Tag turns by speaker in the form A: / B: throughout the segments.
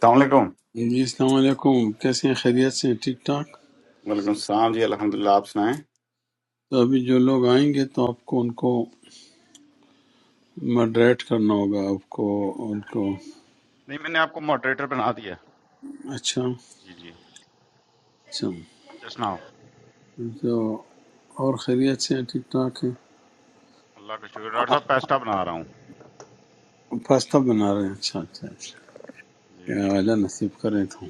A: السلام علیکم
B: جی السلام علیکم کیسے ہیں خیریت سے ہیں ٹھیک ٹھاک
A: وعلیکم السلام جی الحمدللہ آپ سنائیں
B: تو ابھی جو لوگ آئیں گے تو آپ کو ان کو مڈریٹ کرنا ہوگا آپ کو ان کو
A: نہیں میں نے آپ کو ماڈریٹر بنا دیا
B: اچھا
A: جی جی
B: اچھا
A: جس ناؤ
B: تو اور خیریت سے ہیں ٹھیک ٹھاک ہیں
A: اللہ کا شکر ڈاکٹر
B: آ،
A: صاحب پیسٹا بنا رہا ہوں
B: پاستا بنا رہے ہیں اچھا اچھا اچھا
A: جی جی
B: کیا اعلیٰ نصیب کرے تو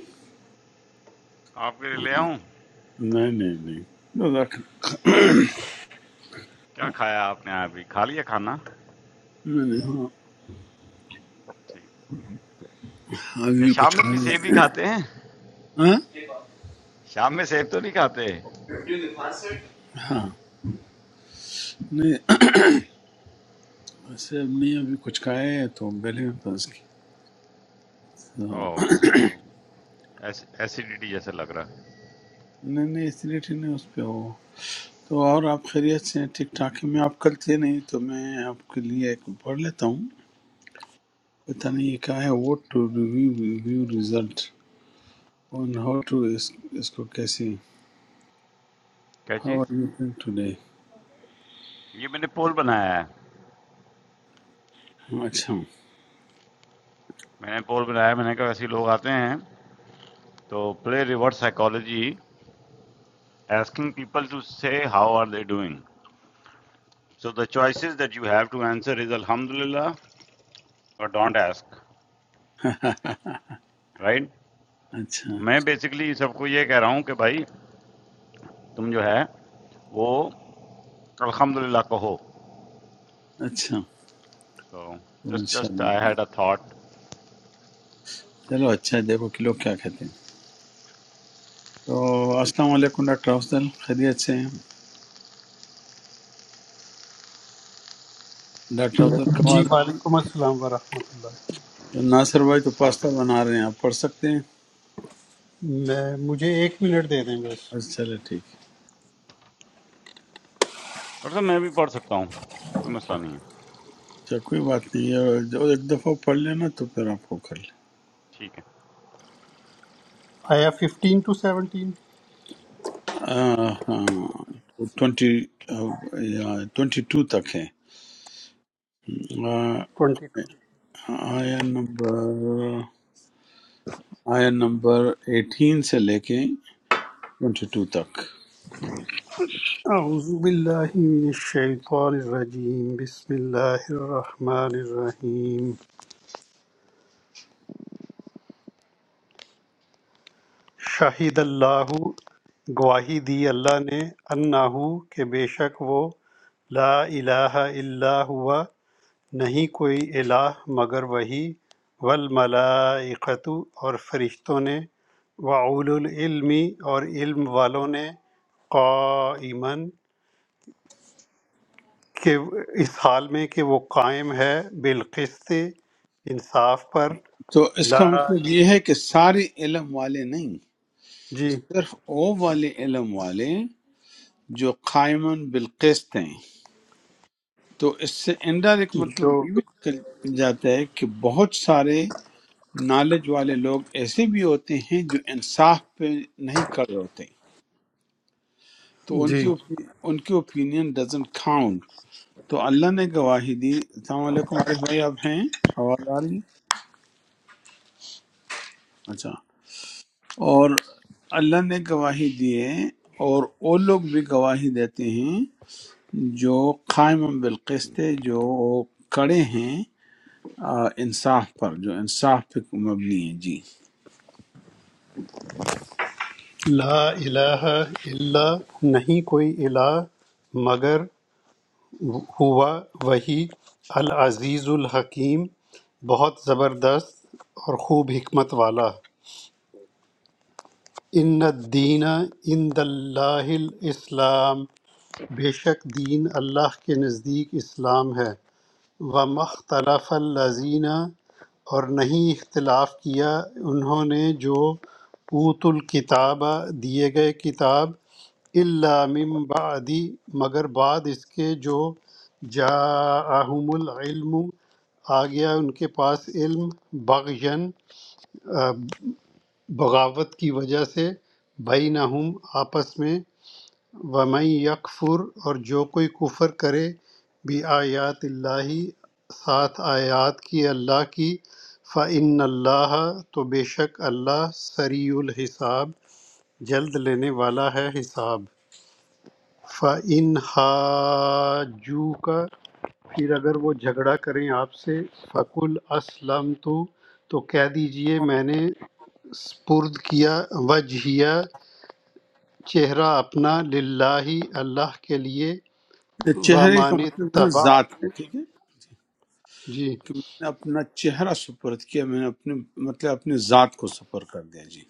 A: آپ کے لیے لے آؤں
B: نہیں نہیں نہیں جزاک اللہ۔
A: کیا کھایا آپ نے ابھی کھا لیا کھانا
B: میں نے ہاں
A: ٹھیک
B: ابھی
A: کیا
B: بھی کچھ
A: شام میں
B: کھا
A: بھی سیب ہی
B: رہے
A: کھاتے ہیں
B: ہیں
A: شام میں سیب تو نہیں کھاتے
B: ہاں ہاں نہیں ایسے امی ابھی کچھ کھائے ہیں تو گلے میں پھنس گئی
A: اوہ، اوکے ایسیڈیٹی جیسا لگ رہا ہے
B: نہیں نہیں اس لیے ٹھیک نہیں اس پہ ہو تو اور آپ خیریت سے ہیں ٹھیک ٹھاک ہیں میں آپ کل تھے نہیں تو میں آپ کے لیے ایک پڑھ لیتا ہوں پتہ نہیں یہ کیا ہے vote to review review result on how to اس, اس کو کیسے
A: کیا
B: how
A: چیز
B: are you doing today
A: یہ میں نے پول بنایا ہے
B: اچھا
A: میں نے پول بنایا ہے، میں نے کہا ایسے لوگ آتے ہیں تو play reverse psychology asking people to say how are they doing So the choices that you have to answer is alhamdulillah or don't ask, right?
B: اچھا
A: تو میں بیسکلی سب کو یہ کہہ رہا ہوں کہ بھائی تم جو ہے وہ الحمدللہ کہو
B: اچھا
A: سو جسٹ
B: انشاء
A: جسٹ
B: اللہ
A: آئی ہیڈ اے تھاٹ
B: چلو اچھا ہے، دیکھو کہ لوگ کیا کہتے ہیں تو السلام علیکم ڈاکٹر افضل خیریت سے ہیں ڈاکٹر افضل کا
C: جی
B: آواز آ رہا ہے؟
C: وعلیکم السلام ورحمۃ اللہ
A: جی
B: تو ناصر بھائی تو
A: السلام
B: پاستہ
A: علیکم
B: بنا رہے ہیں آپ پڑھ سکتے ہیں
C: میں مجھے ایک منٹ دے دیں بس
B: اچھا چلے ٹھیک ہے۔
A: ڈاکٹر صاحب میں بھی پڑھ سکتا ہوں کوئی مسئلہ نہیں ہے
B: اچھا کوئی بات نہیں ہے جو ایک دفعہ پڑھ لینا تو پھر آپ کو کر لیں
A: ٹھیک ہے
C: آیا ففٹین ٹو سیونٹین
B: آہ، ہاں ٹوینٹی ٹوینٹی ٹو تک ہے آہ،
C: ٹوینٹی ٹو
B: آیا نمبر آیا نمبر ایٹین سے لے کے ٹوینٹی ٹو تک
C: اعوذ باللہ من الشیطان الرجیم بسم اللہ الرحمن الرحیم شاہد اللہ گواہی دی اللہ نے انہو کہ بے شک وہ لا الہ الا ہوا نہیں کوئی الہ مگر وہی والملائکۃ اور فرشتوں نے وَأُولُوالْعِلْمِ اور علم والوں نے قائمًا کہ اس حال میں کہ وہ قائم ہے بالقسط انصاف پر
B: تو اس کا
C: لا
B: مطلب یہ ہے کہ سارے علم والے نہیں
C: جی
B: صرف وہ والے علم والے جو قائمن بالقسط ہیں تو اس سے انڈائریکٹ مطلب
C: جو
B: یہ بھی نکل جاتا ہے کہ بہت سارے نالج والے لوگ ایسے بھی ہوتے ہیں جو انصاف پہ نہیں کھڑے ہوتے تو ان کی
C: جی
B: اوپی- ان کی اوپینین ڈزنٹ کاؤنٹ تو اللہ نے گواہی دی السلام علیکم عارف بھائی آپ ہیں آواز آ رہی ہے؟ اچھا اور اللہ نے گواہی دی ہے اور وہ لوگ بھی گواہی دیتے ہیں جو قائم بالقسط ہے، جو کڑے ہیں آ، انصاف پر جو انصاف پہ مبنی ہے جی
C: لا الہ الا نہیں کوئی الہ مگر ہوا وہی العزیز الحکیم بہت زبردست اور خوب حکمت والا ان الدین عند اللہ الاسلام بے شک دین اللہ کے نزدیک اسلام ہے وَمَا اخْتَلَفَ الَّذِينَ اور نہیں اختلاف کیا انہوں نے جو اوت الکتاب دیے گئے کتاب الا من بعد مگر بعد اس کے جو جاءہم العلم آ گیا ان کے پاس علم بغین آ، بغاوت کی وجہ سے بینہم آپس میں وَمَن یکفر اور جو کوئی کفر کرے بھی آیات اللہ ساتھ آیات کی اللہ کی فَإِنَّ اللَّهَ تو بے شک اللہ سریع الحساب جلد لینے والا ہے حساب فَإِنْ حَاجُّوكَ پھر اگر وہ جھگڑا کریں آپ سے فَقُلْ أَسْلَمْتُ تو کہہ دیجئے میں نے سپرد کیا وجہیہ چہرہ اپنا للہ اللہ کے لیے
B: چہرے کا
C: وَمَنِ
B: مطلب یہاں ذات ہے
C: اتَّبَعَنِي
B: ٹھیک ہے
C: جی
B: کہ میں نے اپنا چہرہ سپرد کیا میں نے اپنے مطلب اپنے ذات کو سپر کر دیا جی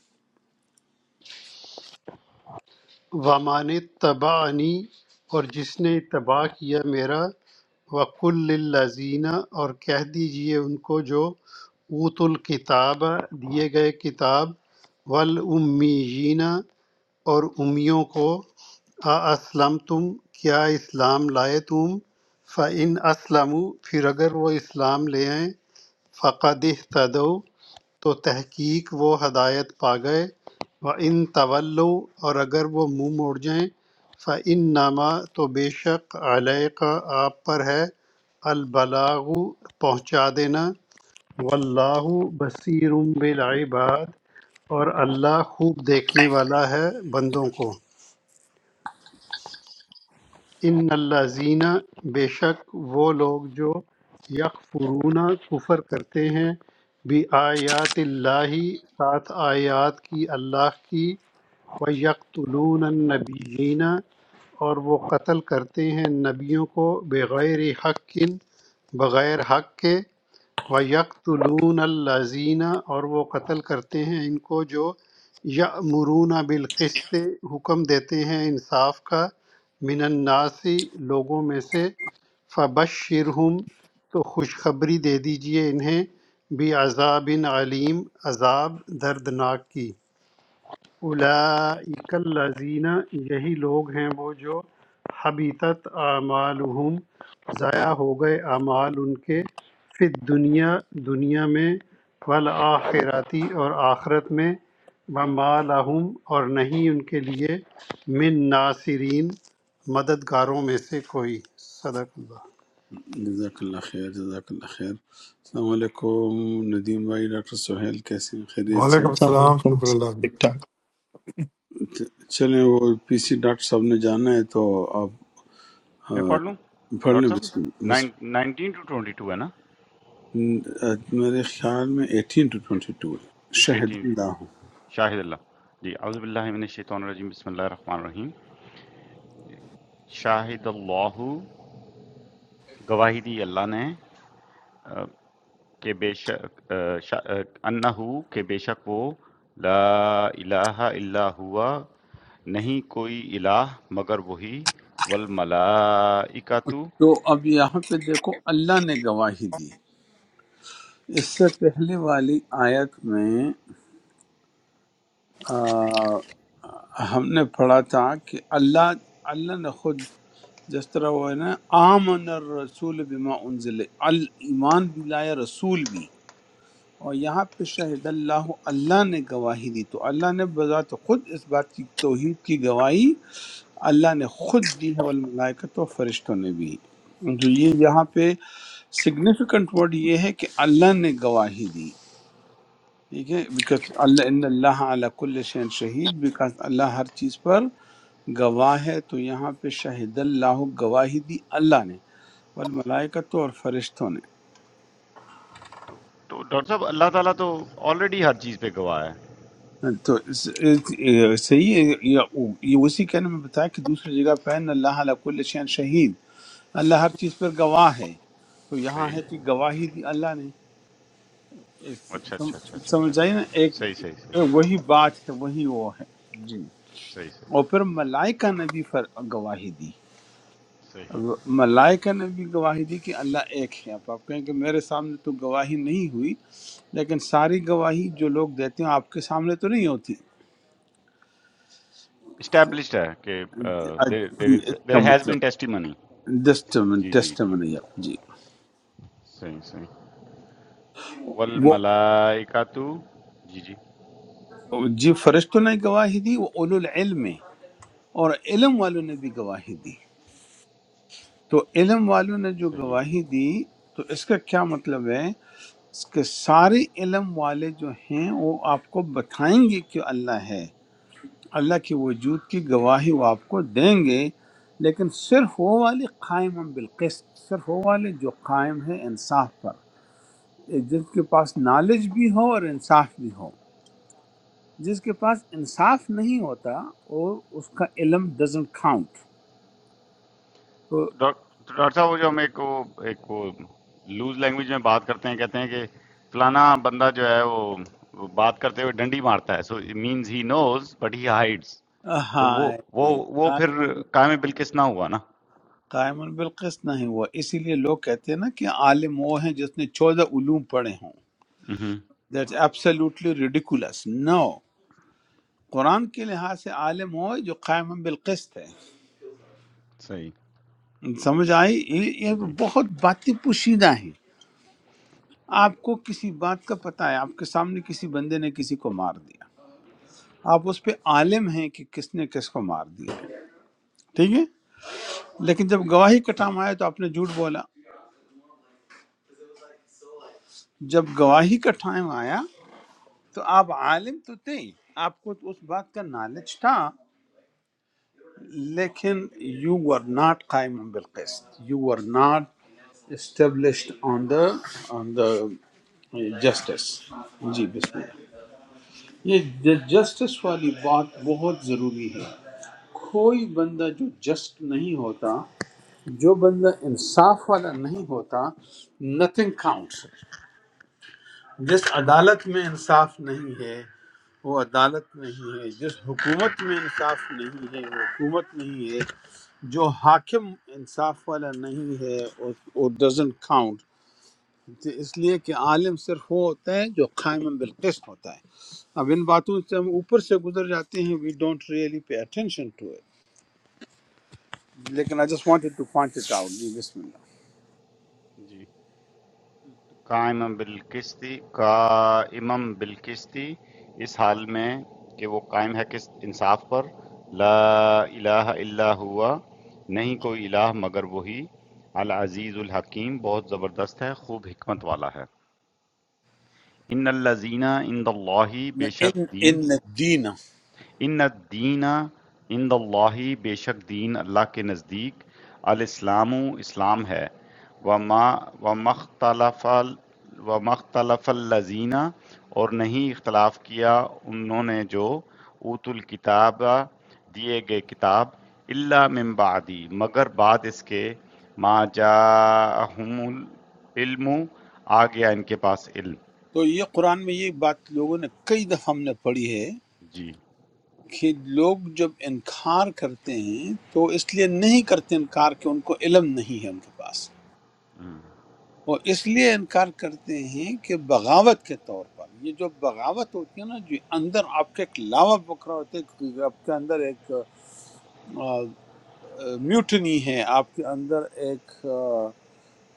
C: وَمَنِ اتَّبَعَنِي اور جس نے اتباع کیا میرا وَقُلْ لِلَّذِينَ اور کہہ دیجئے ان کو جو اوت الکتاب دیے گئے کتاب والأمیین اور امیوں کو اسلم تم کیا اسلام لائے تم فَإِنْ أَسْلَمُوا پھر اگر وہ اسلام لے آئیں فقد اہتدوا تو تحقیق وہ ہدایت پا گئے و ان طولو اور اگر وہ منہ موڑ جائیں فعن نامہ تو بے شک علیہ کا آپ پر ہے البلاغ پہنچا دینا واللہ بصیر بالعباد اور اللہ خوب دیکھنے والا ہے بندوں کو ان الذین بے شک وہ لوگ جو یکفرون کفر کرتے ہیں بھی آیات اللہ ساتھ آیات کی اللہ کی و یقتلون النبیین اور وہ قتل کرتے ہیں نبیوں کو بغیر حق بغیر حق کے وَيَقْتُلُونَ الَّذِينَ اور وہ قتل کرتے ہیں ان کو جو یأمرون بالقسط
D: السلام
C: حکم دیتے ہیں انصاف کا من الناس لوگوں میں سے فبشرہم تو خوشخبری دے دیجئے انہیں بھی عذاب علیم عذاب دردناک کی اولئک الذین یہی لوگ ہیں وہ جو حبیطت اعمالہم ضائع ہو گئے اعمال ان کے فی دنیا دنیا میں والآخراتی اور آخرت میں وما لہم اور نہیں ان کے لیے من ناصرین مددگاروں میں سے کوئی صدق اللہ
B: جزاک اللہ خیر جزاک اللہ خیر السلام علیکم ندیم بھائی ڈاکٹر سہیل کیسے ہیں خیریت سے
E: وعلیکم
B: ہیں؟
E: السلام
D: علیکم
E: شکر اللہ کا۔
D: ٹھیک ٹھاک
B: چلیں وہ پی سی ڈاکٹر صاحب نے جانا ہے تو آپ
A: میں
B: آ،
A: پڑھ لوں
B: پڑھ
A: ڈاکٹر
B: لیں
A: صاحب
B: بس, بس
A: nine nineteen to twenty two ہے نا
B: آ، میرے خیال میں ایٹین ٹو ٹوینٹی ٹو ہے شہد
A: ایٹین ٹو
B: اللہ ہوں۔
A: شاہد اللہ جی اعوذ باللہ من الشیطان الرجیم بسم اللہ الرحمن الرحیم شاہد اللہ گواہی دی اللہ نے آ، کہ بے شک آ، شا- آ، انہو کہ بے شک وہ لا الہ الا ہوا نہیں کوئی الہ مگر وہی والملائکتو
B: تو اب یہاں پہ دیکھو اللہ نے گواہی دی اس سے پہلے والی آیت میں آ، ہم نے پڑھا تھا کہ اللہ اللہ نے خود جس طرح وہ ہے نا آمن الرسول بما انزل الایمان بھی لایا رسول بھی اور یہاں پہ شہد اللہ اللہ نے گواہی دی تو اللہ نے بذات خود اس بات کی توحید کی گواہی اللہ نے خود دی ہے والملائکت و فرشتوں نے بھی تو یہ یہاں پہ سگنیفیکنٹ ورڈ یہ ہے کہ اللہ نے گواہی دی ٹھیک ہے بیکاز اللہ ان اللہ علی کل شین شہید بیکاز اللہ ہر چیز پر گواہ ہے تو یہاں پہ شہید اللہ گواہی دی اللہ نے والملائکہ تو اور فرشتوں
A: تو تو ڈاکٹر صاحب اللہ تعالیٰ تو آلریڈی ہر چیز پہ گواہ ہے
B: نے تو اس- اس- یہ صحیح ہے یہ یہ اسی کہنے میں بتایا کہ دوسری جگہ پہ ان اللہ علی کل شین شہید اللہ ہر چیز پر گواہ ہے تو یہاں
A: صحیح
B: ہے کہ گواہی دی اللہ نے اس-
A: اچھا
B: سم-
A: اچھا اچھا اچھا اچھا
B: سمجھ آئی نا ایک
A: صحیح صحیح صحیح
B: ایک وہی بات ہے وہی وہ ہے جی
A: صحیح
B: اور
A: صحیح
B: پھر ملائکہ نے بھی فر- گواہی دی
A: صحیح
B: ملائکہ نے بھی گواہی دی کہ اللہ ایک ہے اب آپ کہیں کہ میرے سامنے تو گواہی نہیں ہوئی لیکن ساری گواہی جو لوگ دیتے ہیں آپ کے سامنے تو نہیں ہوتی
A: اسٹیبلشڈ ہے کہ
B: جی،
A: دیر از
B: اس کا
A: دیر ہیز بین
B: مطلب
A: ٹیسٹی منی
B: ٹیسٹمن
A: جی جی جی
B: ٹیسٹمنی آپ جی
A: صحیح صحیح
B: وہ
A: والملائکتو جی جی
B: جی فرشتوں نے گواہی دی وہ اولو العلم ہیں اور علم والوں نے بھی گواہی دی تو علم والوں نے جو
A: صحیح
B: گواہی دی تو اس کا کیا مطلب ہے اس کے سارے علم والے جو ہیں وہ آپ کو بتائیں گے کہ اللہ ہے اللہ کے وجود کی گواہی وہ آپ کو دیں گے لیکن صرف وہ والے قائم ہم بالقسط صرف وہ والے جو قائم ہیں انصاف پر جن کے پاس نالج بھی ہو اور انصاف بھی ہو جس کے پاس انصاف نہیں ہوتا وہ اس کا علم ڈزنٹ کاؤنٹ تو
A: ڈاک- ڈاکٹر صاحب وہ جو ہم ایک وہ ایک وہ لوز لینگویج میں بات کرتے ہیں کہتے ہیں کہ فلانا بندہ جو ہے وہ وہ بات کرتے ہوئے ڈنڈی مارتا ہے so it means he knows but he hides تو
B: ہاں
A: وہ وہ وہ پھر
B: قائم
A: قائم بالکش نہ ہوا نا
B: قائم بالقسط نہیں ہوا اسی لیے لوگ کہتے ہیں نا کہ عالم وہ ہیں جس نے چودہ علوم پڑھے ہوں
A: ہوں
B: دیٹس absolutely ridiculous no قرآن کے لحاظ سے عالم ہو جو قائم بالقسط ہے
A: صحیح
B: سمجھ آئی یہ یہ
A: جی
B: بہت باتیں پوشیدہ ہیں آپ کو کسی بات کا پتہ ہے آپ کے سامنے کسی بندے نے کسی کو مار دیا آپ اس پہ عالم ہیں کہ کس نے کس کو مار دیا ٹھیک ہے لیکن جب گواہی کا ٹائم آیا تو آپ نے جھوٹ بولا جب گواہی کا ٹائم آیا تو آپ عالم تو تھے آپ کو اس بات کا نالج تھا لیکن یو ور ناٹ قائم بالقسط you were not established on the on the justice جی بسم اللہ یہ جسٹس والی بات بہت ضروری ہے کوئی بندہ جو جسٹ نہیں ہوتا جو بندہ انصاف والا نہیں ہوتا نتھنگ کاؤنٹس جس عدالت میں انصاف نہیں ہے وہ عدالت نہیں ہے جس حکومت میں انصاف نہیں ہے وہ حکومت نہیں ہے جو حاکم انصاف والا نہیں ہے وہ ڈزن کاؤنٹ اس لیے کہ عالم صرف وہ ہوتا ہے جو قائم بالقسط ہوتا ہے اب ان باتوں سے ہم اوپر سے گزر جاتے ہیں we don't really pay attention to it لیکن I just wanted to point it out جی بسم اللہ
A: جی قائم بالقسط قائم بالقسط اس حال میں کہ وہ قائم ہے قسط انصاف پر لا الہ الا ہوا نہیں کوئی الہ مگر وہی العزیز الحکیم بہت زبردست ہے خوب حکمت والا ہے ان الذین عند اللہ بے شک
B: ان
A: دین
B: ان دین
A: ان دینا ان اللہ بے شک دین اللہ کے نزدیک الاسلام اسلام ہے وما ومختلف و مختلف الزینہ اور نہیں اختلاف کیا انہوں نے جو اوت الکتاب دیے گئے کتاب اللہ من بعدی مگر بعد اس کے ما جاءہم العلم آ گیا ان کے پاس علم
B: تو یہ قرآن میں یہ بات لوگوں نے کئی دفعہ ہم نے پڑھی ہے
A: جی
B: کہ لوگ جب انکار کرتے ہیں تو اس لیے نہیں کرتے انکار کہ ان کو علم نہیں ہے ان کے پاس وہ اس لیے انکار کرتے ہیں کہ بغاوت کے طور پر یہ جو بغاوت ہوتی ہے نا جو اندر آپ کے ایک لاوا بکرا ہوتا ہے کہ آپ کے اندر ایک میوٹنی ہے آپ کے اندر ایک آ،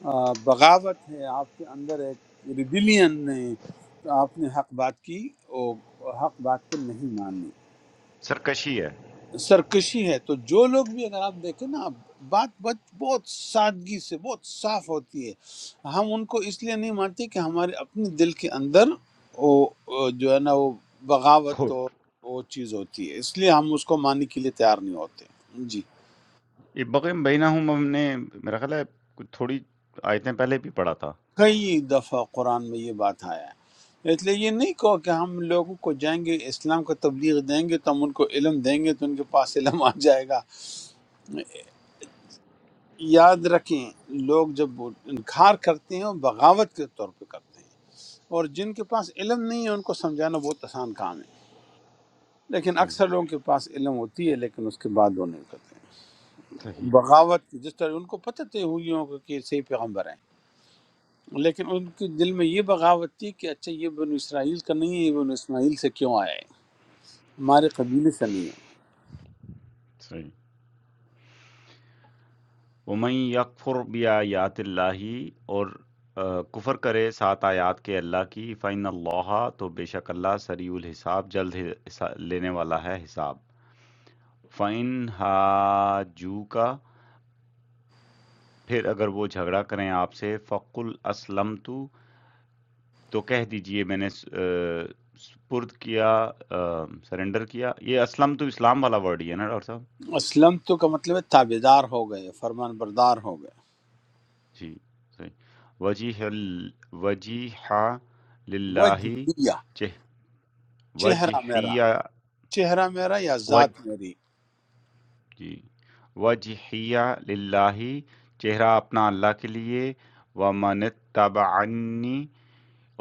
B: آ، بغاوت ہے آپ کے اندر ایک ریبیلین ہے تو آپ نے حق بات کی اور حق بات کو نہیں ماننی
A: سرکشی ہے
B: سرکشی ہے تو جو لوگ بھی اگر آپ دیکھیں نا بات بات بہت سادگی سے بہت صاف ہوتی ہے ہم ان کو اس لیے نہیں مانتے کہ ہمارے اپنے دل کے اندر وہ وہ جو ہے نا وہ بغاوت
A: کھوٹ
B: اور وہ چیز ہوتی ہے اس لیے ہم اس کو ماننے کے لیے تیار نہیں ہوتے جی
A: بقیم بینہم ہم نے میرا خیال ہے کچھ تھوڑی آیتیں پہلے بھی پڑھا تھا
B: کئی دفعہ قرآن میں یہ بات آیا ہے اس لیے یہ نہیں کہو کہ ہم لوگوں کو جائیں گے اسلام کا تبلیغ دیں گے تو ہم ان کو علم دیں گے تو ان کے پاس علم آ جائے گا یاد رکھیں لوگ جب وہ انکار کرتے ہیں وہ بغاوت کے طور پہ کرتے ہیں اور جن کے پاس علم نہیں ہے ان کو سمجھانا بہت آسان کام ہے لیکن
A: صحیح
B: اکثر لوگوں کے پاس علم ہوتی ہے لیکن اس کے بعد وہ نہیں کرتے
A: صحیح
B: ہیں بغاوت کی جس طرح ان کو پتہ تھے ہوئیوں کو کہ صحیح پیغمبر ہیں لیکن ان کے دل میں یہ بغاوت تھی کہ اچھا یہ بن اسرائیل کا نہیں ہے یہ بن اسماعیل سے کیوں آیا ہے ہمارے قبیلے سے نہیں ہے
A: صحیح ومن یکفر بیایات اللہ اور آ، کفر کرے سات آیات کے اللہ کی فَإِنَّ اللَّهَ تو بے شک اللہ سریع الحساب جلد حسا- لینے والا ہے حساب فَإِنْ حَاجُّوكَ پھر اگر وہ جھگڑا کریں آپ سے فَقُلْ أَسْلَمْتُ تو کہہ دیجئے میں نے س آ، سپرد کیا آ، سرنڈر کیا یہ اسلم تو اسلام والا ورڈ ہی ہے نا ڈاکٹر صاحب؟
B: اسلم تو کا مطلب ہے تابے دار ہو گئے فرمان بردار ہو گئے
A: جی، صحیح وجیح ال وجیح
B: وہ
A: للہ جہ
B: چہرہ میرا
A: وجیحیہ
B: چہرہ میرا یا
A: وج
B: ذات میری
A: جی، وجیحیہ للہ چہرہ اپنا اللہ کے لیے وَمَنِ اتَّبَعَنِّی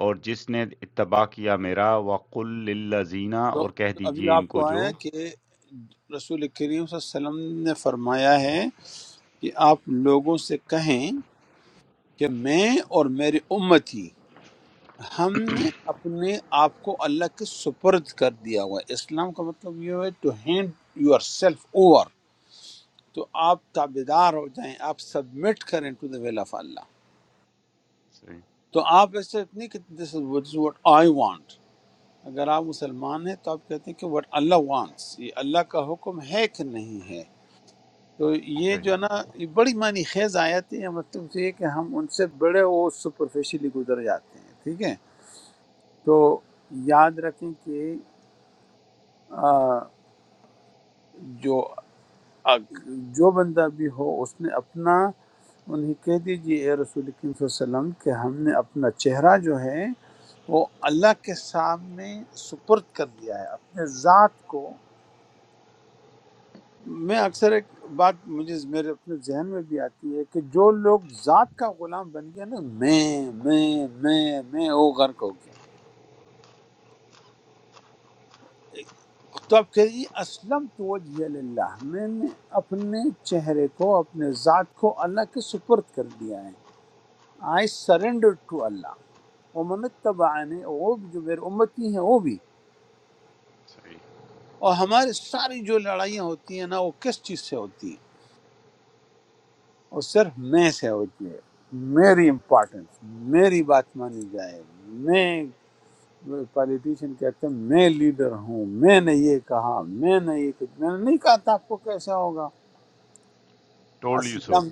A: اور جس نے اتباع کیا میرا وَقُلْ لِلَّذِينَ
B: تو
A: اور کہہ
B: ابھی
A: دیجئے
B: آپ
A: ان کو
B: کو آیا
A: جو
B: کہ رسول کریم صلی اللہ علیہ وسلم نے فرمایا ہے کہ آپ لوگوں سے کہیں کہ میں اور میری امتی ہم نے اپنے آپ کو اللہ کے سپرد کر دیا ہوا ہے۔ اسلام کا مطلب یہ ہے to hand yourself over تو آپ تابے دار ہو جائیں آپ سبمٹ کریں ٹو دا ویل آف اللہ
A: صحیح
B: تو آپ ایسے نہیں کہ this is what is what I want اگر آپ مسلمان ہیں تو آپ کہتے ہیں کہ وٹ اللہ وانٹس یہ اللہ کا حکم ہے کہ نہیں ہے تو یہ جو ہے
A: صحیح
B: نا یہ بڑی معنی خیز آیت ہے یہ مطلب تو یہ کہ ہم ان سے بڑے وہ سپرفیشلی گزر جاتے ہیں ٹھیک ہے تو یاد رکھیں کہ آ، جو جو بندہ بھی ہو اس نے اپنا انہیں کہہ دیجئے اے رسول کریم صلی اللہ علیہ وسلم کہ ہم نے اپنا چہرہ جو ہے وہ اللہ کے سامنے سپرد کر دیا ہے اپنے ذات کو میں اکثر ایک بات مجھے میرے اپنے ذہن میں بھی آتی ہے کہ جو لوگ ذات کا غلام بن گیا نا میں میں میں میں وہ غرق ہو گیا تو آپ کہہ دیجیے اسلم تو وجہ اللہ میں نے اپنے چہرے کو اپنے ذات کو اللہ کے سپرد کر دیا ہے آئی سرینڈر ٹو اللہ ومن تبعانی وہ بھی جو میرے امتی ہیں وہ بھی
A: صحیح
B: اور ہماری ساری جو لڑائیاں ہوتی ہیں نا وہ کس چیز سے ہوتی ہیں وہ صرف میں سے ہوتی ہے میری امپورٹنس میری بات مانی جائے میں پالیٹیشین کہتے ہیں میں لیڈر ہوں میں نے یہ کہا میں نے یہ کہ میں نے نہیں کہا تھا آپ کو کیسے ہوگا
A: ٹولڈ یو سو
B: اسلم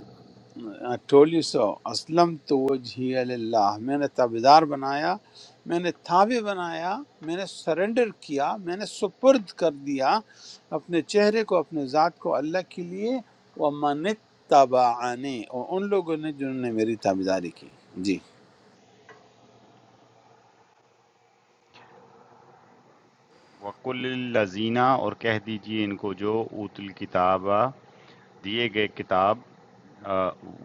B: ٹولی سو اسلم تو وجہی اللہ میں نے تابدار بنایا میں نے تابع بنایا میں نے سرنڈر کیا میں نے سپرد کر دیا اپنے چہرے کو اپنے ذات کو اللہ کے لیے و من تبعانی اور ان لوگوں نے جنہوں نے میری تابداری کی جی
A: وَقُلِ الَّذِينَ اور کہہ دیجئے ان کو جو اوت الکتاب دیے گئے کتاب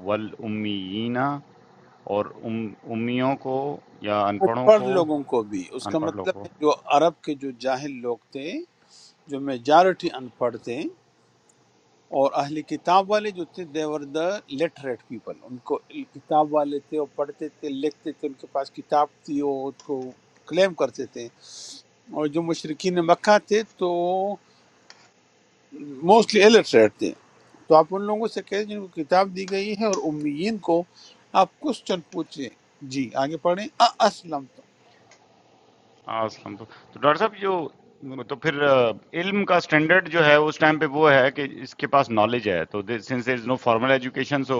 A: والامیین اور ام امیوں کو یا ان
B: ان
A: پڑھوں
B: پڑھ
A: کو
B: لوگوں کو بھی اس
A: ان
B: کا
A: پڑھ
B: مطلب
A: لوگوں کو
B: ہے جو عرب کے جو جاہل لوگ تھے جو میجارٹی ان پڑھ تھے اور اہل کتاب والے جو تھے دیور دا لٹریٹ پیپل ان کو کتاب والے تھے وہ پڑھتے تھے لکھتے تھے ان کے پاس کتاب تھی وہ ان کو کلیم کرتے تھے اور جو مشرقین مکہ تھے تو موسٹلی الٹریٹ تھے تو آپ ان لوگوں سے کہیں جن کو کتاب دی گئی ہے اور امیین کو آپ کوشچن پوچھیں جی آگے پڑھیں اسلم
A: ہاں، الحمد- تو ڈاکٹر صاحب جو تو پھر آ، علم کا سٹینڈرڈ جو ہے اس ٹائم پہ وہ ہے کہ اس کے پاس نالج ہے تو sense there is no formal education so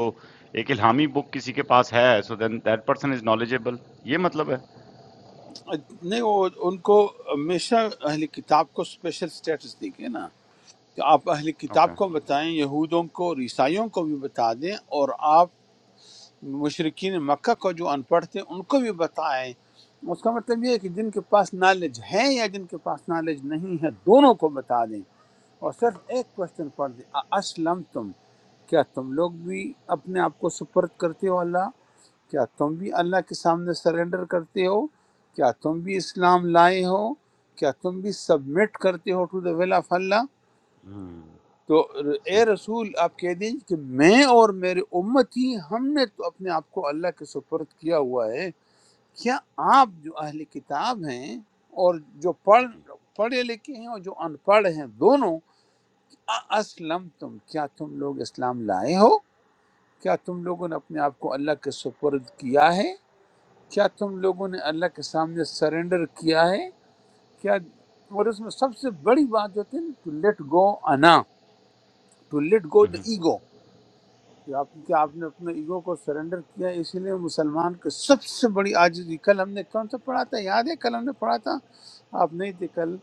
A: ایک الہامی بک کسی کے پاس ہے so then that person is knowledgeable یہ مطلب ہے
B: نہیں وہ ان کو ہمیشہ اہل کتاب کو اسپیشل سٹیٹس دی گئی نا کہ آپ اہل
A: اوکے
B: کتاب کو بتائیں یہودوں کو اور عیسائیوں کو بھی بتا دیں اور آپ مشرقین مکہ کو جو ان پڑھ تھے ان کو بھی بتائیں اس کا مطلب یہ ہے کہ جن کے پاس نالج ہے یا جن کے پاس نالج نہیں ہے دونوں کو بتا دیں اور
A: اوکے
B: صرف ایک کوشچن پڑھ دیں اسلم تم کیا تم لوگ بھی اپنے آپ کو سپرد کرتے ہو اللہ کیا تم بھی اللہ کے سامنے سرنڈر کرتے ہو کیا تم بھی اسلام لائے ہو کیا تم بھی سبمٹ کرتے ہو ٹو دا ول آف اللہ تو
A: صحیح
B: اے رسول آپ کہہ دیجیے کہ میں اور میرے امت ہی ہم نے تو اپنے آپ کو اللہ کے سپرد کیا ہوا ہے کیا آپ جو اہل کتاب ہیں اور جو
A: وہ
B: پڑھ
A: بھی
B: پڑھے لکھے ہیں اور جو ان پڑھ ہیں دونوں اسلم تم کیا تم لوگ اسلام لائے ہو کیا تم لوگوں نے اپنے آپ کو اللہ کے سپرد کیا ہے کیا تم لوگوں نے اللہ کے سامنے سرنڈر کیا ہے کیا اور اس میں سب سے بڑی بات جو ہوتی ہے نا، ٹو لیٹ گو انا ٹو لیٹ گو دا
A: ہوں
B: ایگو کہ آپ کہ آپ نے اپنے ایگو کو سرنڈر کیا اسی لیے مسلمان کی سب سے بڑی عاجزی کل ہم نے کون سا پڑھا تھا یاد ہے کل ہم نے پڑھا تھا آپ نہیں تھے کل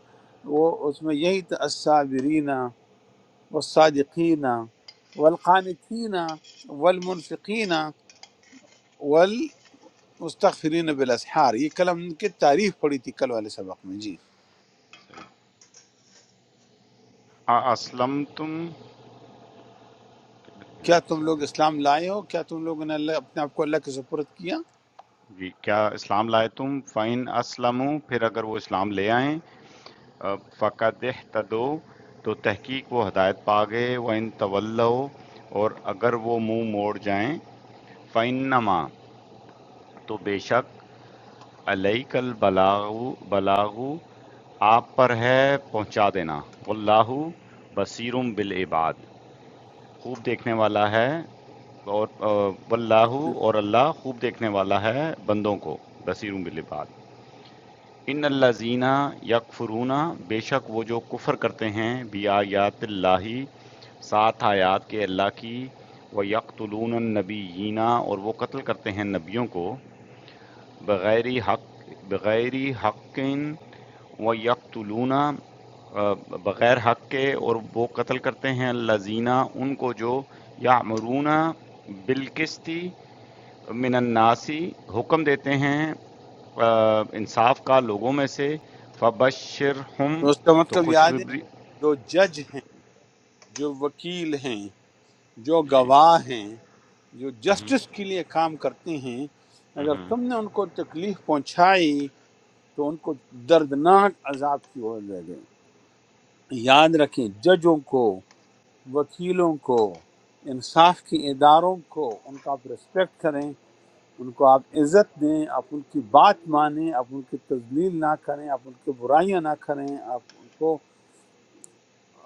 B: وہ اس میں یہی تھا الصابرین والصادقین والقانتین والمنفقین والمستغفرین بالاسحار یہ کل ہم کی تعریف پڑھی تھی کل والے سبق میں جی
A: اسلم تم
B: کیا تم لوگ اسلام لائے ہو کیا تم لوگوں نے اللہ اپنے آپ کو اللہ کے سپرد کیا
A: جی کیا اسلام لائے تم فَإِنْ أَسْلَمُوا پھر اگر وہ اسلام لے آئیں آ، فَقَدْ اهْتَدَوْا تو تحقیق وہ ہدایت پا گئے وَإِنْ تَوَلَّوْا اور اگر وہ منہ موڑ جائیں فَإِنَّمَا تو بے شک علیک البلاغ بلاغو آپ پر ہے پہنچا دینا واللہ بصیرم بالعباد خوب دیکھنے والا ہے اور واللہ
B: اپنے
A: اور اللہ خوب دیکھنے والا ہے بندوں کو بصیروں بالعباد ان اللہ زینہ یکفرون بے شک وہ جو کفر کرتے ہیں بی آیات اللہ سات آیات کے اللہ کی و یکتلون النبیینہ اور وہ قتل کرتے ہیں نبیوں کو بغیر حق بغیر حق و یقتلونا بغیر حق کے اور وہ قتل کرتے ہیں لذینہ ان کو جو یا مرونہ بالکستی من الناسی حکم دیتے ہیں آ، انصاف کا لوگوں میں سے فبشر ہم
B: اس کا
A: تو
B: مطلب یاد ہے
A: خوشخبری
B: جو جج ہیں جو وکیل ہیں جو
A: جی
B: گواہ ہیں جو
A: مہم،
B: جسٹس کے لیے کام کرتے ہیں اگر
A: مہم،
B: تم نے ان کو تکلیف پہنچائی تو ان کو دردناک عذاب کی اور دے دیں یاد رکھیں ججوں کو وکیلوں کو انصاف کے اداروں کو ان کا آپ ریسپیکٹ کریں ان کو آپ عزت دیں آپ ان کی بات مانیں آپ ان کی تذلیل نہ کریں آپ ان کی برائیاں نہ کریں آپ ان کو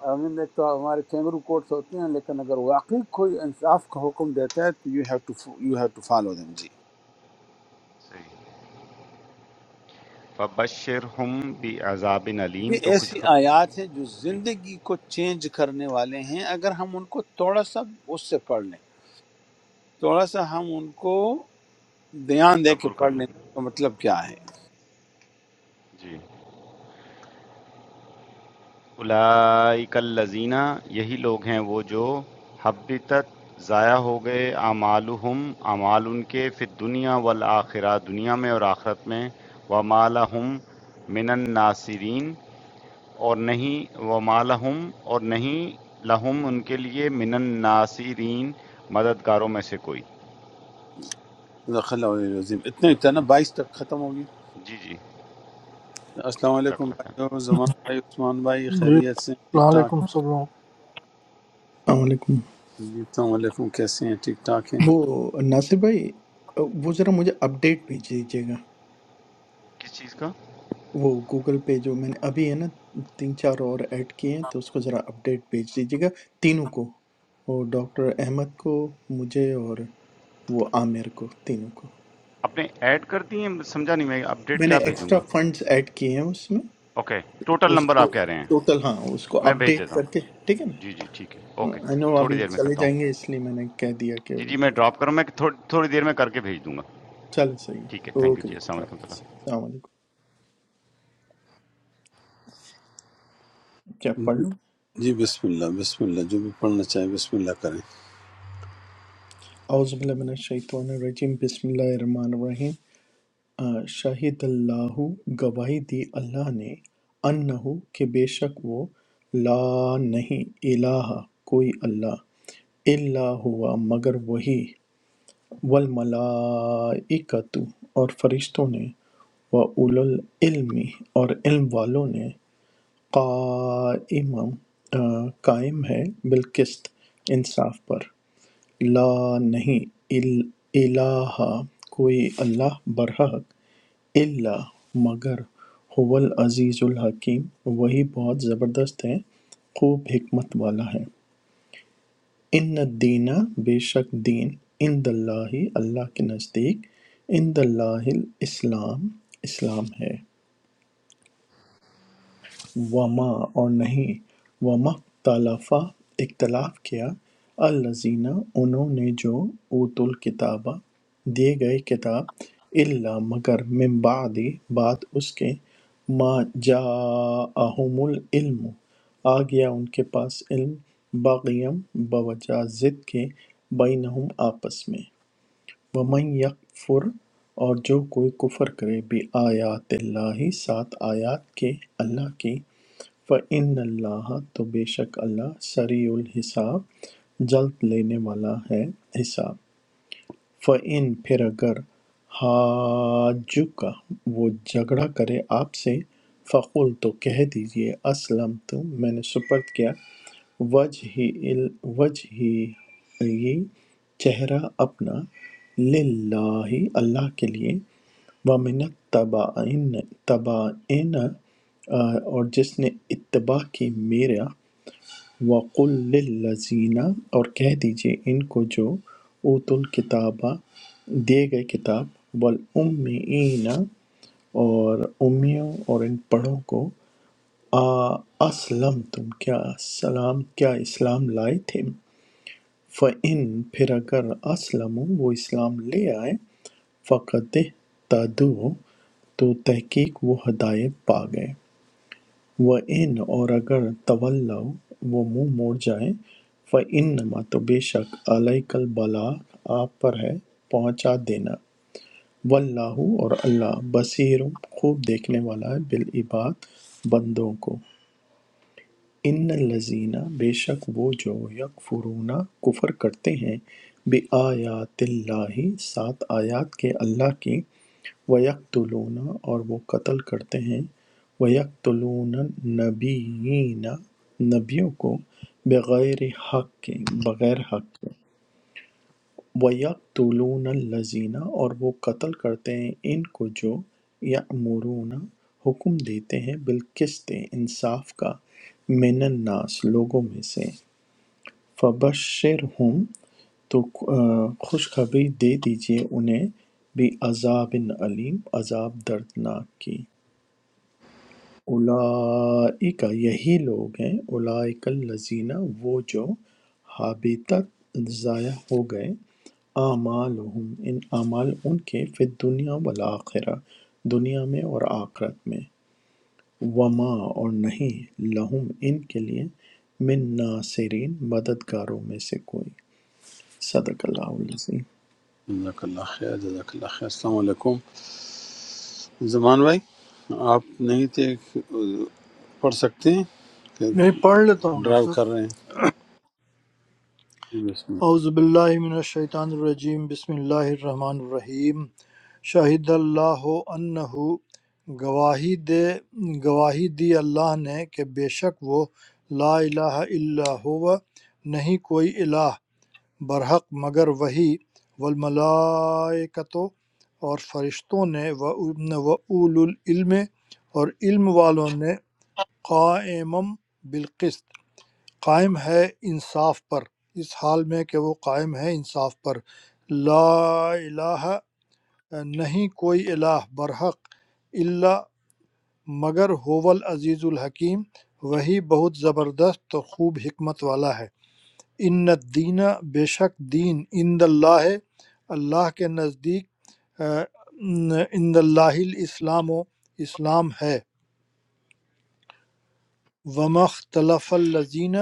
B: آئی مین ایک تو ہمارے کینگرو کوٹس ہوتے ہیں لیکن اگر واقعی کوئی انصاف کا حکم دیتا ہے تو you have to you have to follow them جی
A: صحیح فبشر ہم بھی عذاب
B: یہ
A: علیم تو
B: ایسی
A: خوشخبری
B: آیات ہیں جو
A: جی
B: زندگی کو چینج کرنے والے ہیں اگر ہم ان کو تھوڑا سا اس سے پڑھ لیں تھوڑا سا ہم ان کو دھیان دے کے
A: تبر کر
B: پڑھ لیں
A: لیں
B: تو مطلب کیا ہے
A: جی اولئک الذین یہی لوگ ہیں وہ جو حبتت ضائع ہو گئے اعمالہم اعمال ان کے فی دنیا والآخرہ دنیا میں اور آخرت میں وما لہم من الناصرین اور نہیں وما لہم اور نہیں لہم ان کے لیے من الناصرین مددگاروں میں سے کوئی
B: صدق اللہ علیہ وسلم اتنے اتنا ہی
A: جزاک
B: تھا نا
A: اللہ۔
B: بائیس تک ختم ہو گیا
A: جی جی
B: السلام
A: جزاک
B: علیکم
A: اللہ خیر۔
B: بھائی زمان بھائی عثمان بھائی
F: جی
B: خیریت سے ہیں؟
F: السلام
B: ٹھیک ٹھاک
F: علیکم سب لوگوں کو۔
D: السلام علیکم
B: جی السلام علیکم کیسے ہیں ٹھیک ٹھاک
D: وہ
B: ہیں
D: ناصر بھائی وہ ذرا مجھے اپڈیٹ بھیج دیجیے گا
A: کس چیز کا
D: وہ گوگل پہ جو میں نے ابھی ہے نا تین چار اور ایڈ کیے ہیں تو اس کو ذرا اپڈیٹ بھیج دیجیے گا تینوں کو وہ ڈاکٹر احمد کو مجھے اور وہ عامر کو تینوں کو
A: آپ نے ایڈ کر دی ہیں سمجھا نہیں میں اپڈیٹ
D: میں نے
A: کیا بھیجوں
D: ایکسٹرا
A: گا
D: فنڈز ایڈ کیے ہیں اس میں
A: اوکے ٹوٹل
D: اس
A: نمبر
D: کو
A: آپ کہہ رہے ہیں
D: ٹوٹل ہاں اس کو
A: میں بھیج
D: اپڈیٹ
A: دیتا ہوں
D: کر کے ٹھیک ہے نا
A: جی جی ٹھیک ہے اوکے
D: آئی نو
A: تھوڑی
D: ابھی
A: دیر میں
D: چلے
A: کرتا
D: جائیں
A: ہوں
D: گے اس لیے میں نے کہہ دیا کہ
A: جی
D: وہ
A: جی میں ڈراپ کروں میں تھوڑی دیر میں کر کے بھیج دوں گا
D: چلے صحیح
A: ٹھیک ہے
D: ہے
A: تھینک یو
D: اوکے
A: جی
D: جی،
A: السلام
D: خدا حافظ
A: علیکم
D: السلام علیکم کیا پڑھ لوں
B: جی بسم اللہ بسم اللہ جو بھی پڑھنا چاہے بسم اللہ کریں
D: اعوذ باللہ من الشیطان الرجیم بسم اللہ الرحمن الرحیم آ، شاہد اللہ گواہی دی اللہ نے انہو کہ بے شک وہ لا نہیں الہ کوئی اللہ الا ہوا مگر وہی والملائکتو اور فرشتوں نے و اول العلم اور علم والوں نے قائمم آ، قائم ہے بالقسط انصاف پر لا نہیں ال- الہ کوئی اللہ برحق الا مگر هو العزیز الحکیم وہی بہت زبردست ہے خوب حکمت والا ہے ان الدین بے شک دین عند اللہ اللہ کے نزدیک عند اللہ الاسلام اسلام ہے وما اور نہیں وما اختلف اختلاف کیا الذین انہوں نے جو اوت الکتاب دیے گئے کتاب الا مگر من بعد بعد اس کے ما جاءہم العلم آ گیا ان کے پاس علم باغیم بوجہ ضد کے بینہم آپس میں وَمَن یَکْفُرْ اور جو کوئی کفر کرے بِآیاتِ اللہ سات آیات کے اللہ کی فَإِنَّ اللَّهَ تو بے شک اللہ سریع الحساب جلد لینے والا ہے حساب فَإِن پھر اگر حاجُّکَ وہ جھگڑا کرے آپ سے فَقُل تو کہہ دیجئے اسلمت میں نے سپرد کیا وجہی ال- وجہی چہرہ اپنا للہ اللہ کے لیے وَمِنَ التَّبَعِنَ تَبَعِنَ اور جس نے اتباع کی میرا وَقُل لِّلَّذِينَ اور کہہ دیجئے ان کو جو اوت الکتابہ دیے گئے کتاب والامین اور امیوں اور ان پڑھوں کو آ اسلم تم کیا سلام کیا اسلام لائے تھے فَإِن پھر اگر اسلم وہ اسلام لے آئے فقط تدو تو تحقیق وہ ہدایت پا گئے وَإِنْ اور اگر تولوا وہ منہ موڑ جائیں فَإِنَّمَا تو بے شک عَلَيْكَ الْبَلَاغُ آپ پر ہے پہنچا دینا واللہ اور اللہ بصیر خوب دیکھنے والا ہے بالعباد بندوں کو ان الذین بے شک وہ جو یکفرون کفر کرتے ہیں بآیات اللہ سات آیات کے اللہ کی وَيَقْتُلُونَ اور وہ قتل کرتے ہیں وَيَقْتُلُونَ النَّبِيِّينَ نبیوں کو بغیر حق کے بغیر حق کے وَيَقْتُلُونَ الَّذِينَ اور وہ قتل کرتے ہیں ان کو جو یأمرون حکم دیتے ہیں بالقسط انصاف کا من الناس لوگوں میں سے فَبَشِّرْہُم تو خوشخبری دے دیجئے انہیں بعذابٍ علیم عذاب دردناک کی اولئک یہی لوگ ہیں اولئک الذین وہ جو حبطت ضائع ہو گئے اعمالہم ان اعمال ان کے فی الدنیا والآخرہ دنیا میں اور آخرت میں وما اور نہیں لہم ان کے لیے من ناصرین مددگاروں میں سے کوئی صدق الله العظيم
B: جزاک اللہ خیر جزاک اللہ خیر السلام علیکم زمان بھائی آپ نہیں تھے پڑھ سکتے ہیں کہ
F: نہیں پڑھ لیتا ہوں ڈاکٹر
B: ڈرائیو کر
F: صاحب
B: رہے ہیں جی بسم
F: اعوذ باللہ من الشیطان الرجیم بسم اللہ الرحمن الرحیم شاہد اللہ انہ گواہی دے گواہی دی اللہ نے کہ بے شک وہ لا الہ الا ہوا نہیں کوئی الہ برحق مگر وہی والملائکتو اور فرشتوں نے و اول العلم اور علم والوں نے قائمم بالقسط قائم ہے انصاف پر اس حال میں کہ وہ قائم ہے انصاف پر لا الہ نہیں کوئی الہ برحق الا مگر ہوول عزیز الحکیم وہی بہت زبردست اور خوب حکمت والا ہے ان الدین بے شک دین عند اللہ ہے اللہ کے نزدیک آ، عند اللہ الاسلام و اسلام ہے وما اختلف الذین